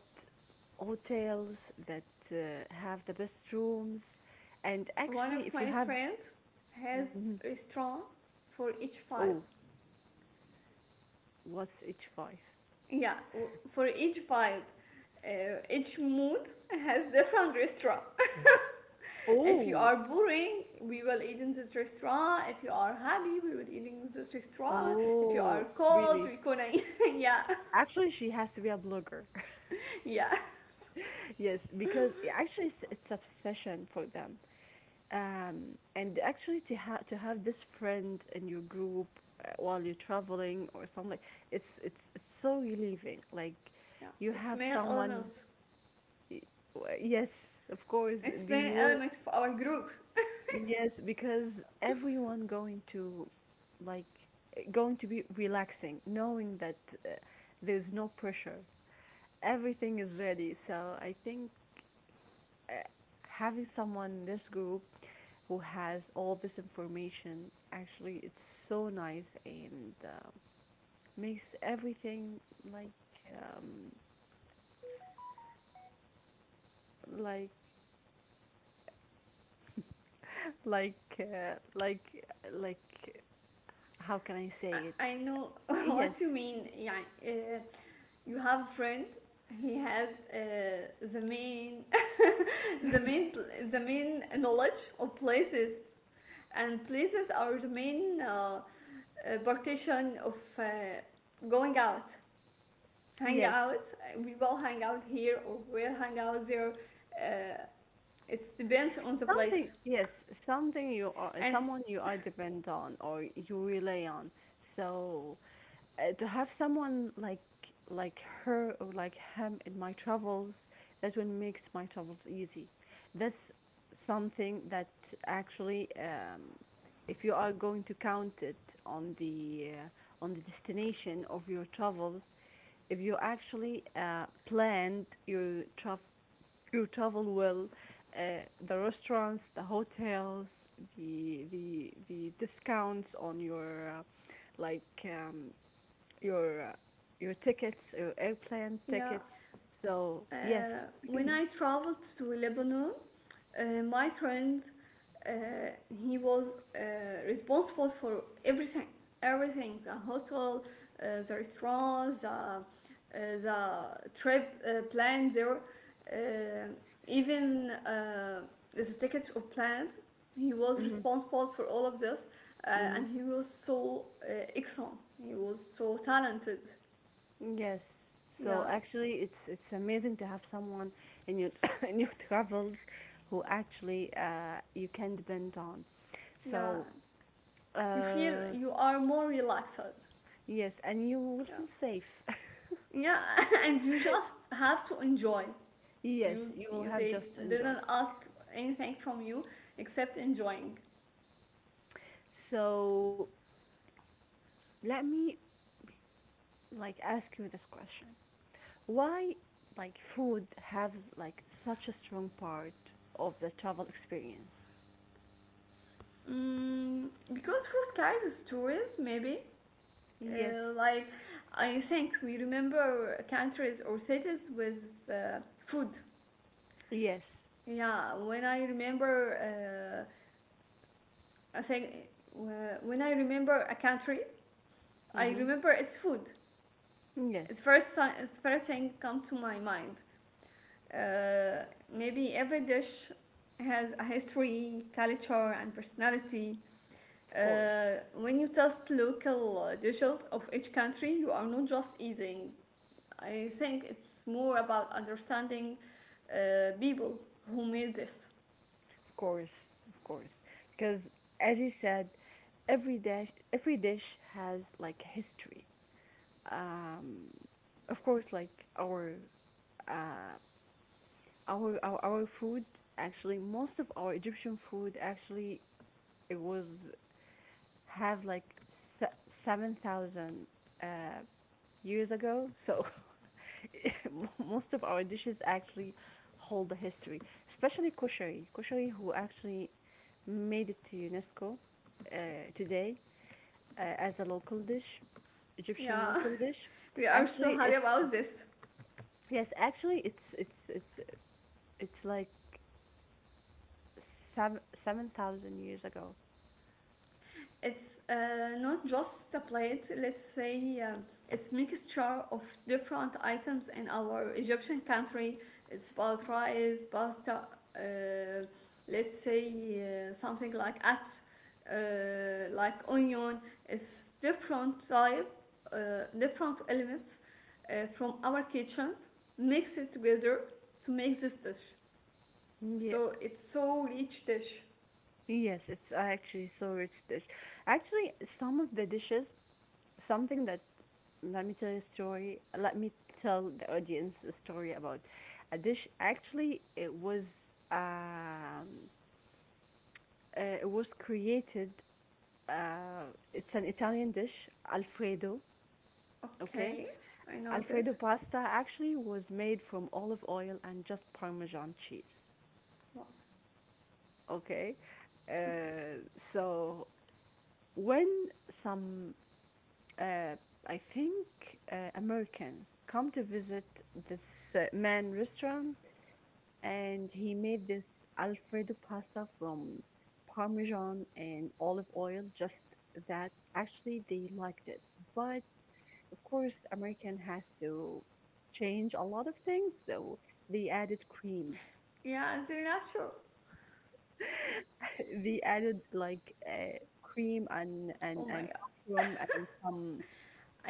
S1: hotels that have the best rooms, and
S2: One of
S1: actually, if you
S2: my
S1: have,
S2: friends has
S1: mhm,
S2: restaurant for each
S1: oh,
S2: vibe.
S1: what's H five?
S2: Yeah, for each vibe, each mood has different restaurant. If you
S1: Oh,
S2: are boring, we will eat in this restaurant. If you are happy, we will eat in this restaurant. If you
S1: oh,
S2: are
S1: really?
S2: cold, we gonna eat. Yeah,
S1: Actually, she has to be a blogger.
S2: yeah,
S1: yes, because actually it's obsession for them. And actually to have this friend in your group while you're traveling or something, it's so relieving. Like
S2: yeah.
S1: you
S2: It's
S1: have
S2: main
S1: someone.
S2: element.
S1: y- Yes, of course.
S2: It's
S1: The
S2: main
S1: will.
S2: element of our group.
S1: Yes, because everyone like going to be relaxing, knowing that uh, there's no pressure, everything is ready. So I think having someone in this group who has all this information actually it's so nice, and makes everything like um, like like uh, like like how can I
S2: I,
S1: say it?
S2: I know
S1: Yes,
S2: what you mean. Yeah, uh, you have a friend he has the main the main the main knowledge of places and places are the main partition of going out hang
S1: yes.
S2: out. We will hang out here or we'll hang out there, uh, it depends on the place
S1: Something, yes, something you are,
S2: and
S1: someone you are depend on or you rely on. So to have someone like her or like him in my travels, that will makes my travels easy, that's something that actually, if you are going to count it on the destination of your travels, if you actually planned your travel well, the restaurants, the hotels, the discounts on like um, your uh, your tickets, your airplane
S2: yeah.
S1: tickets. So
S2: uh,
S1: yes,
S2: when I traveled to Lebanon, my friend, uh, he was responsible for everything, everything, the hotel, the restaurant, the trip planned there, uh, even the tickets of plans. He was
S1: hmm
S2: responsible for all of this,
S1: hmm
S2: and he was so excellent. He was so talented.
S1: yes. So
S2: Yeah,
S1: actually, it's amazing to have someone in your in your travels who actually you can depend on.
S2: yeah.
S1: So
S2: You feel
S1: uh,
S2: you are more relaxed.
S1: yes, and you will
S2: Yeah.
S1: feel safe.
S2: Yeah, and you just have to enjoy. You
S1: yes, you will have
S2: they
S1: just to enjoy.
S2: didn't ask anything from you except enjoying.
S1: So let me like ask you this question. Why, like, food has like such a strong part of the travel experience?
S2: Mm, because food carries stories, maybe.
S1: Yes.
S2: Like I think we remember countries or cities with food.
S1: Yes.
S2: Yeah, when I remember, I think when I remember a country, I
S1: Mm-hmm.
S2: remember its food. It's
S1: Yes.
S2: first, it's first thing come to my mind. Uh, Maybe every dish has a history, culture, and personality.
S1: Of course.
S2: When you taste local dishes of each country, you are not just eating. I think it's more about understanding people who made this.
S1: Of course. Of course. Because as you said, every dish has like history. Um, of course, like uh, our food, actually most of our Egyptian food actually, it was have like 7,000 years uh, years ago. So most of our dishes actually hold a history, especially kushari. Kushari, who actually made it to UNESCO uh, today, as a local dish, Egyptian
S2: Yeah,
S1: local dish.
S2: we are so
S1: Actually,
S2: happy
S1: it's
S2: about this.
S1: yes, actually it's like seven thousand years ago.
S2: It's not just a plate. Let's say it's mixture of different items in our Egyptian country. It's about rice, pasta. Uh, let's say something like at, like onion. It's different type, uh, different elements from our kitchen, mix it together to make this dish. So
S1: Yes.
S2: it's so rich dish.
S1: Yes, it's actually so rich dish. Actually, some of the dishes, something that, let me tell you a story. Let me tell the audience a story about a dish. Actually, it was created. Uh, it's an Italian dish, Alfredo. Okay,
S2: Okay, I know
S1: Alfredo
S2: this.
S1: pasta actually was made from olive oil and just Parmesan cheese.
S2: Wow,
S1: Okay,
S2: okay.
S1: so when some uh, I think Americans come to visit this man restaurant and he made this Alfredo pasta from Parmesan and olive oil just, that actually they liked it, but of course American has to change a lot of things, so they added cream.
S2: Yeah, and Nacho.
S1: they added like cream, and
S2: Oh
S1: and
S2: my
S1: and
S2: god.
S1: mushroom and some.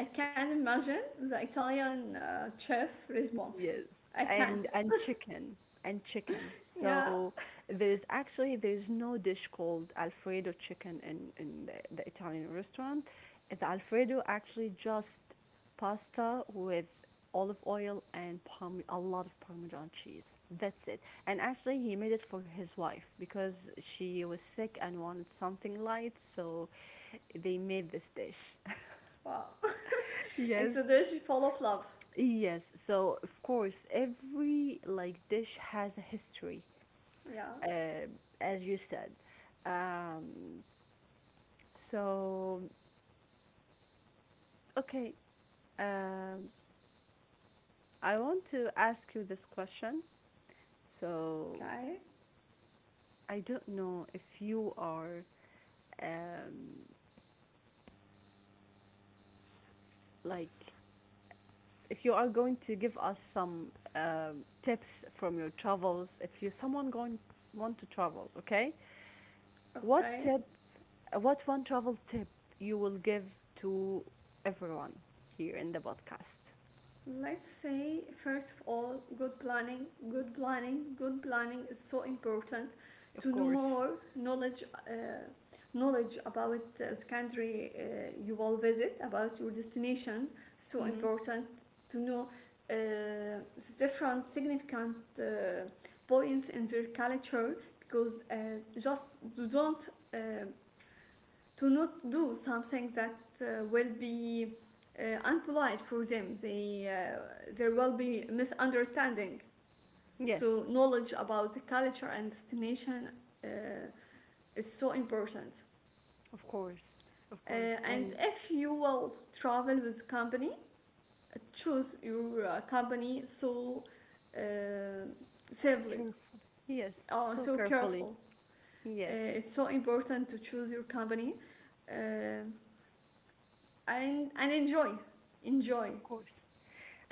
S2: I can't imagine the Italian chef response.
S1: Yes,
S2: I
S1: and
S2: can't.
S1: and chicken and chicken.
S2: Yeah.
S1: So there's actually there's no dish called Alfredo chicken in the Italian restaurant. The Alfredo actually just pasta with olive oil and parm a lot of Parmesan cheese. That's it. And actually he made it for his wife because she was sick and wanted something light, so they made this dish.
S2: Wow. It's
S1: Yes.
S2: a dish full of love.
S1: Yes, so of course, every like dish has a history,
S2: Yeah.
S1: uh, as you said. Um, so okay, um, I want to ask you this question. So
S2: Okay.
S1: I don't know if you are, um, like if you are going to give us some tips from your travels, if you someone going want to travel, okay?
S2: Okay.
S1: What tip, what one travel tip you will give to everyone here in the podcast?
S2: Let's say, first of all, good planning. Good planning. Good planning is so important
S1: Of
S2: to know
S1: course.
S2: more knowledge, knowledge about the country you will visit, about your destination. So
S1: Mm-hmm.
S2: important to know the different significant points in their culture because just you don't um, to not do something that will be unpolite for them. They, there will be misunderstanding.
S1: Yes,
S2: So knowledge about the culture and destination uh, is so important.
S1: of course.
S2: And
S1: And
S2: if you will travel with company, choose your company so uh, safely,
S1: yes,
S2: so
S1: so
S2: careful.
S1: carefully. Yes,
S2: It's so important to choose your company uh, and enjoy, enjoy
S1: of course.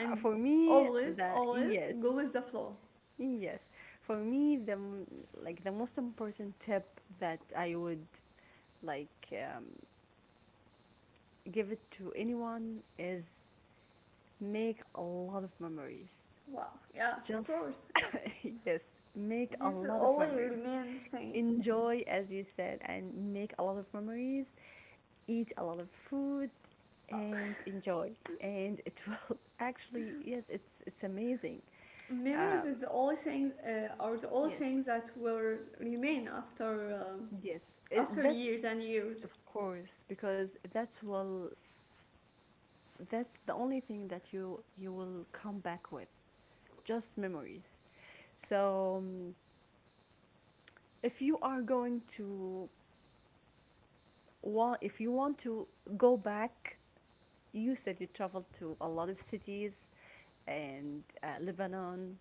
S1: For me,
S2: always
S1: the
S2: always
S1: yes,
S2: go with the flow.
S1: yes. For me, like the most important tip that I would like, give it to anyone, is make a lot of memories.
S2: Wow, yeah, of
S1: Just,
S2: course,
S1: yes, make
S2: this
S1: a
S2: is the
S1: lot of
S2: only
S1: memories.
S2: remain thing.
S1: Enjoy, as you said, and make a lot of memories. Eat a lot of food and enjoy. And it will, actually, yes, it's amazing. Um,
S2: Memories is the only thing are the only
S1: yes,
S2: thing that will remain after
S1: yes,
S2: after
S1: that's,
S2: years and years.
S1: of course, because that's the only thing that you will come back with, just memories. So, if you are going to, if you want to go back, you said you traveled to a lot of cities and, Lebanon,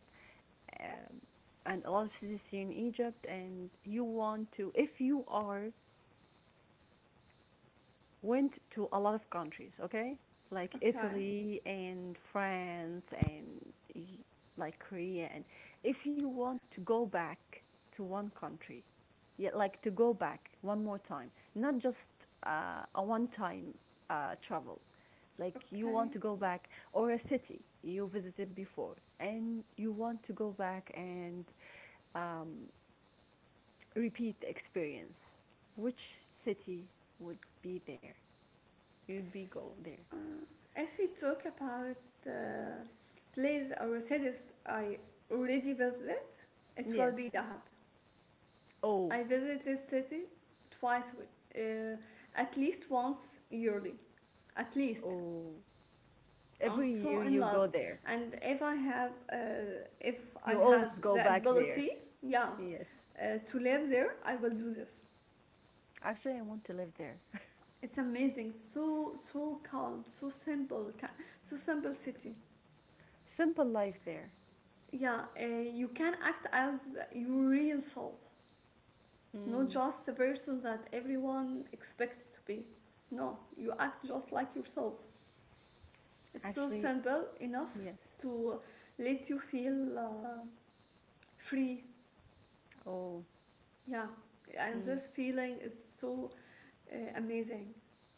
S1: um, and a lot of cities here in Egypt, and you want to, if you are went to a lot of countries, okay? Like
S2: Okay,
S1: Italy and France and like Korea. And if you want to go back to one country, yeah, like to go back one more time, not just a one time travel, like you want
S2: okay,
S1: to go back or a city you visited before and you want to go back and um, repeat the experience, which city would be there? You'd be go there.
S2: uh, if we talk about uh, place or cities I already visited, it will be
S1: Yes.
S2: Dahab.
S1: Oh,
S2: I visit this city twice, uh, at least once yearly, at least.
S1: oh.
S2: I'm
S1: Every year
S2: so in
S1: you
S2: love,
S1: go there.
S2: and if I have if I
S1: You
S2: have
S1: always go
S2: the
S1: back there.
S2: ability, yeah,
S1: Yes.
S2: to live there I will do this.
S1: Actually, I want to live there.
S2: It's amazing, so so calm, so simple, so simple city.
S1: Simple life there.
S2: Yeah, you can act as your real self, not
S1: Mm.
S2: just the person that everyone expects to be. No, you act just like yourself. It's so
S1: Actually,
S2: simple enough
S1: yes.
S2: to let you feel free.
S1: Oh,
S2: Yeah, and
S1: mm.
S2: this feeling is so amazing.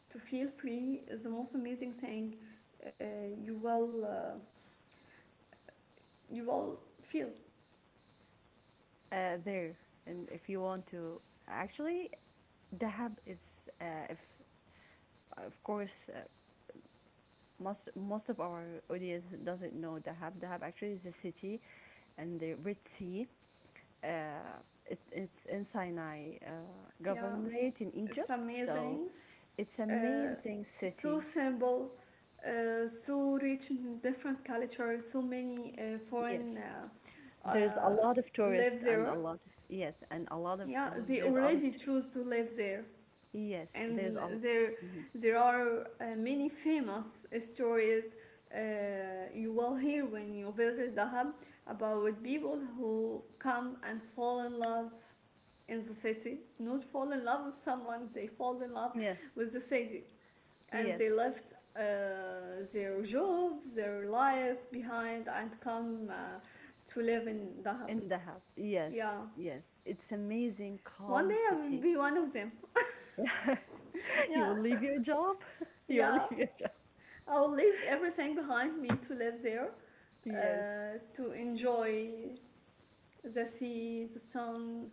S2: To feel free is the most amazing thing uh, you will uh, you will feel.
S1: There. And if you want to, actually, Dahab is, if, of course, most of our audience doesn't know Dahab. Dahab actually is a city, and the Red Sea, uh, it's in Sinai
S2: Yeah,
S1: governorate in
S2: it's
S1: Egypt. So
S2: amazing.
S1: it's
S2: Uh,
S1: amazing
S2: so
S1: city.
S2: simple, so rich in different cultures. So many uh, foreign
S1: Yes,
S2: uh,
S1: there's a
S2: uh,
S1: lot of tourists
S2: live
S1: and a
S2: there.
S1: lot of yes, and a lot of
S2: Yeah, they
S1: there's a lot
S2: already
S1: of
S2: choose to
S1: tourists.
S2: live there.
S1: Yes, there's
S2: And
S1: a.
S2: there
S1: Mhm.
S2: there are many famous stories you will hear when you visit the about people who come and fall in love in the city, not fall in love with someone, they fall in love
S1: Yes,
S2: with the city, and they
S1: yes
S2: left their jobs their life behind and come to live in the
S1: in Dahab. Yes,
S2: yeah.
S1: yes, it's amazing,
S2: One
S1: calm
S2: day I will
S1: city.
S2: be one of them.
S1: You
S2: Yeah,
S1: will leave your job. You will
S2: yeah,
S1: leave your job.
S2: I'll leave everything behind me to live there,
S1: Yes.
S2: to enjoy the sea, the sun,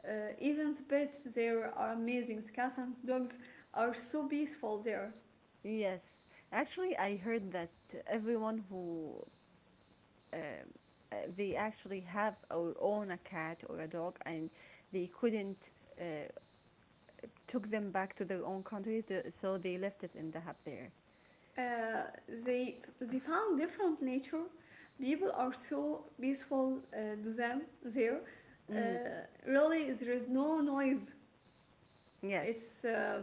S2: even the pets there are amazing. The cats and the dogs are so peaceful there.
S1: Yes. Actually, I heard that everyone who, um, they actually have or own a cat or a dog, and they couldn't uh, took them back to their own country, so they left it in the hub there.
S2: Uh, they found different nature. People are so peaceful to them there.
S1: Mm,
S2: Really, there is no noise.
S1: yes.
S2: it's uh,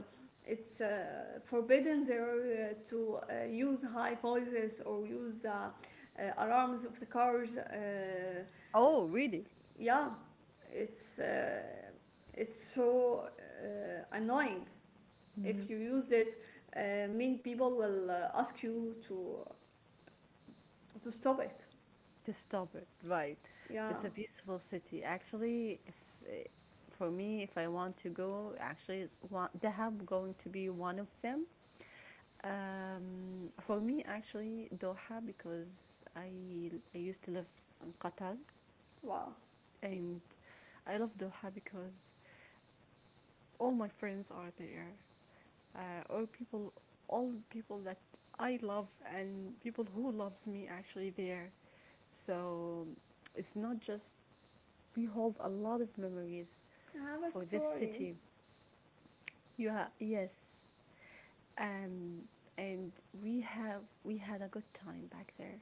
S2: it's forbidden there to use high voices or use the alarms of the cars.
S1: Oh really.
S2: Yeah, it's it's so annoying. If
S1: Mm-hmm.
S2: you use it, mean people will ask you to stop it.
S1: To stop it, right.
S2: Yeah,
S1: It's a beautiful city actually, if, uh, for me, if I want to go, actually, it's one, the hub going to be one of them. For me, actually, Doha, because i I used to live in Qatar,
S2: wow.
S1: and I love Doha because all my friends are there, uh, all people, all people, that I love and people who loves me actually there. So it's not just, we hold a lot of memories
S2: I have a
S1: for this
S2: story.
S1: city. Yeah, yes, um, and we had a good time back there.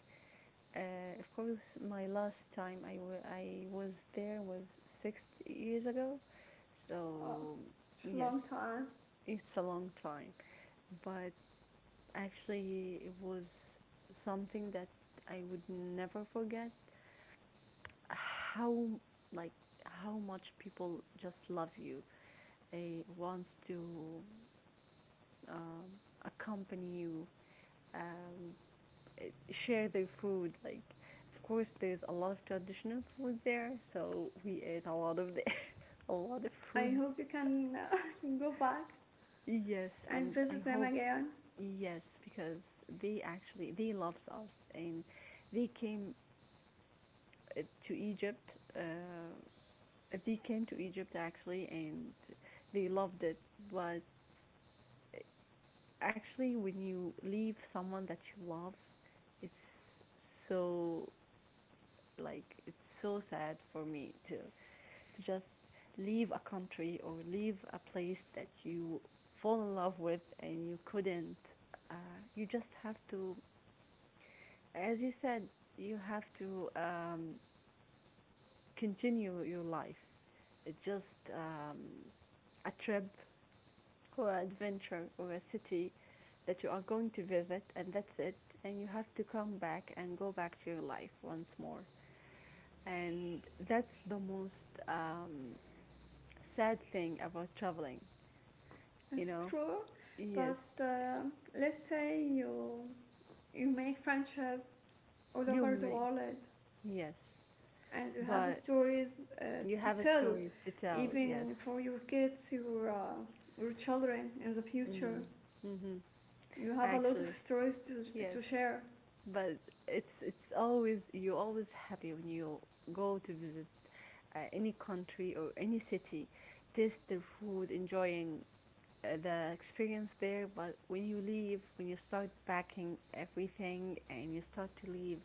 S1: Of course, my last time I was there was 6 years ago,
S2: Wow,
S1: so
S2: it's a long
S1: yes,
S2: time.
S1: it's a long time. But actually, it was something that I would never forget. How, like how much people just love you, wants to, um, accompany you, um, share their food. Like, of course, there's a lot of traditional food there, so we ate a lot of a lot of
S2: I
S1: food.
S2: hope you can go back
S1: Yes,
S2: and
S1: and I
S2: visit them
S1: hope
S2: again.
S1: yes, because they actually they loves us and they came to Egypt. They came to Egypt, actually, and they loved it. But actually, when you leave someone that you love, it's so, like it's so sad for me to just leave a country or leave a place that you fall in love with, and you couldn't, you just have to, as you said, you have to, continue your life, it's just a trip or an adventure or a city that you are going to visit, and that's it, and you have to come back and go back to your life once more. And that's the most, sad thing about traveling, you
S2: It's
S1: know?
S2: true, but
S1: Yes,
S2: let's say you you make friendship all
S1: you
S2: over the
S1: may,
S2: world,
S1: yes,
S2: and you have
S1: but
S2: stories
S1: you
S2: to
S1: have a
S2: tell,
S1: stories to tell, yes.
S2: even for your kids, your children in the
S1: Mm,
S2: future.
S1: mm-hmm.
S2: You have a lot of
S1: Actually,
S2: stories
S1: yes.
S2: to share.
S1: But it's always, you're always happy when you go to visit any country or any city, taste their food, enjoying the experience there, but when you leave, when you start packing everything and you start to leave,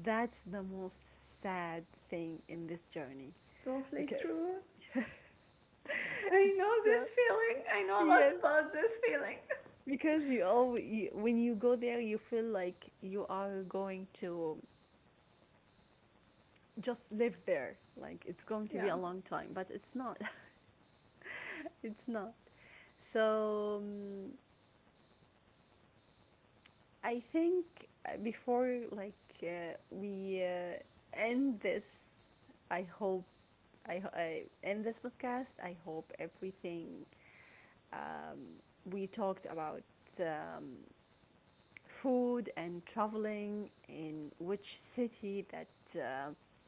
S1: that's the most sad thing in this journey,
S2: It's totally
S1: because
S2: true. I know
S1: the,
S2: this feeling. I know a lot
S1: yes,
S2: about this feeling.
S1: because you always, when you go there, you feel like you are going to just live there, like it's going to be
S2: Yeah,
S1: a long time, but it's not. it's not. So, I think, before like, we end this, I hope, I end this podcast. I hope everything, um, we talked about, um, food and traveling, in which city that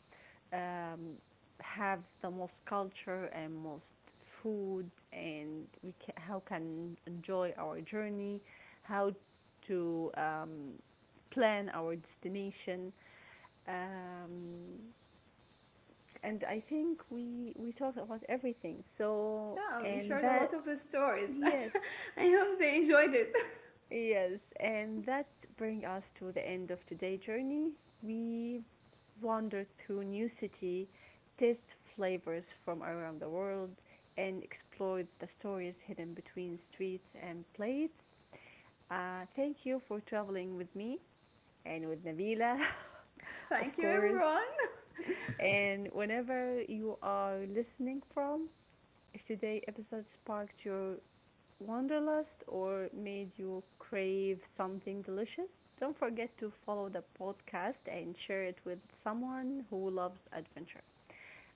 S1: um, have the most culture and most food, and we can, how can enjoy our journey, how to, plan our destination, um, and I think we talked about everything, so
S2: yeah. We
S1: and
S2: shared a
S1: that,
S2: lot of stories.
S1: yes.
S2: I hope they enjoyed it.
S1: Yes, and that brings us to the end of today's journey. We wandered through new city, taste flavors from around the world, and explored the stories hidden between streets and plates. Thank you for traveling with me and with Nabila, of
S2: Thank you,
S1: course.
S2: everyone.
S1: And whenever you are listening from, if today's episode sparked your wanderlust or made you crave something delicious, don't forget to follow the podcast and share it with someone who loves adventure.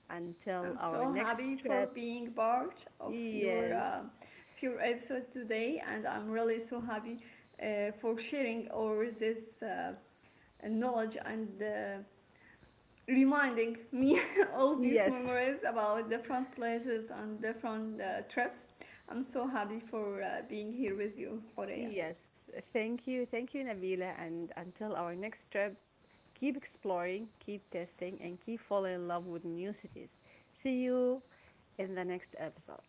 S1: Until
S2: I'm
S1: our
S2: so
S1: next
S2: happy for
S1: trip,
S2: being part
S1: yes,
S2: of your episode today, and I'm really so happy for sharing all this knowledge and reminding me all these
S1: yes,
S2: memories about different places and different trips. I'm so happy for being here with you, Horea.
S1: yes. Thank you, Nabila. And until our next trip, keep exploring, keep testing, and keep falling in love with new cities. See you in the next episode.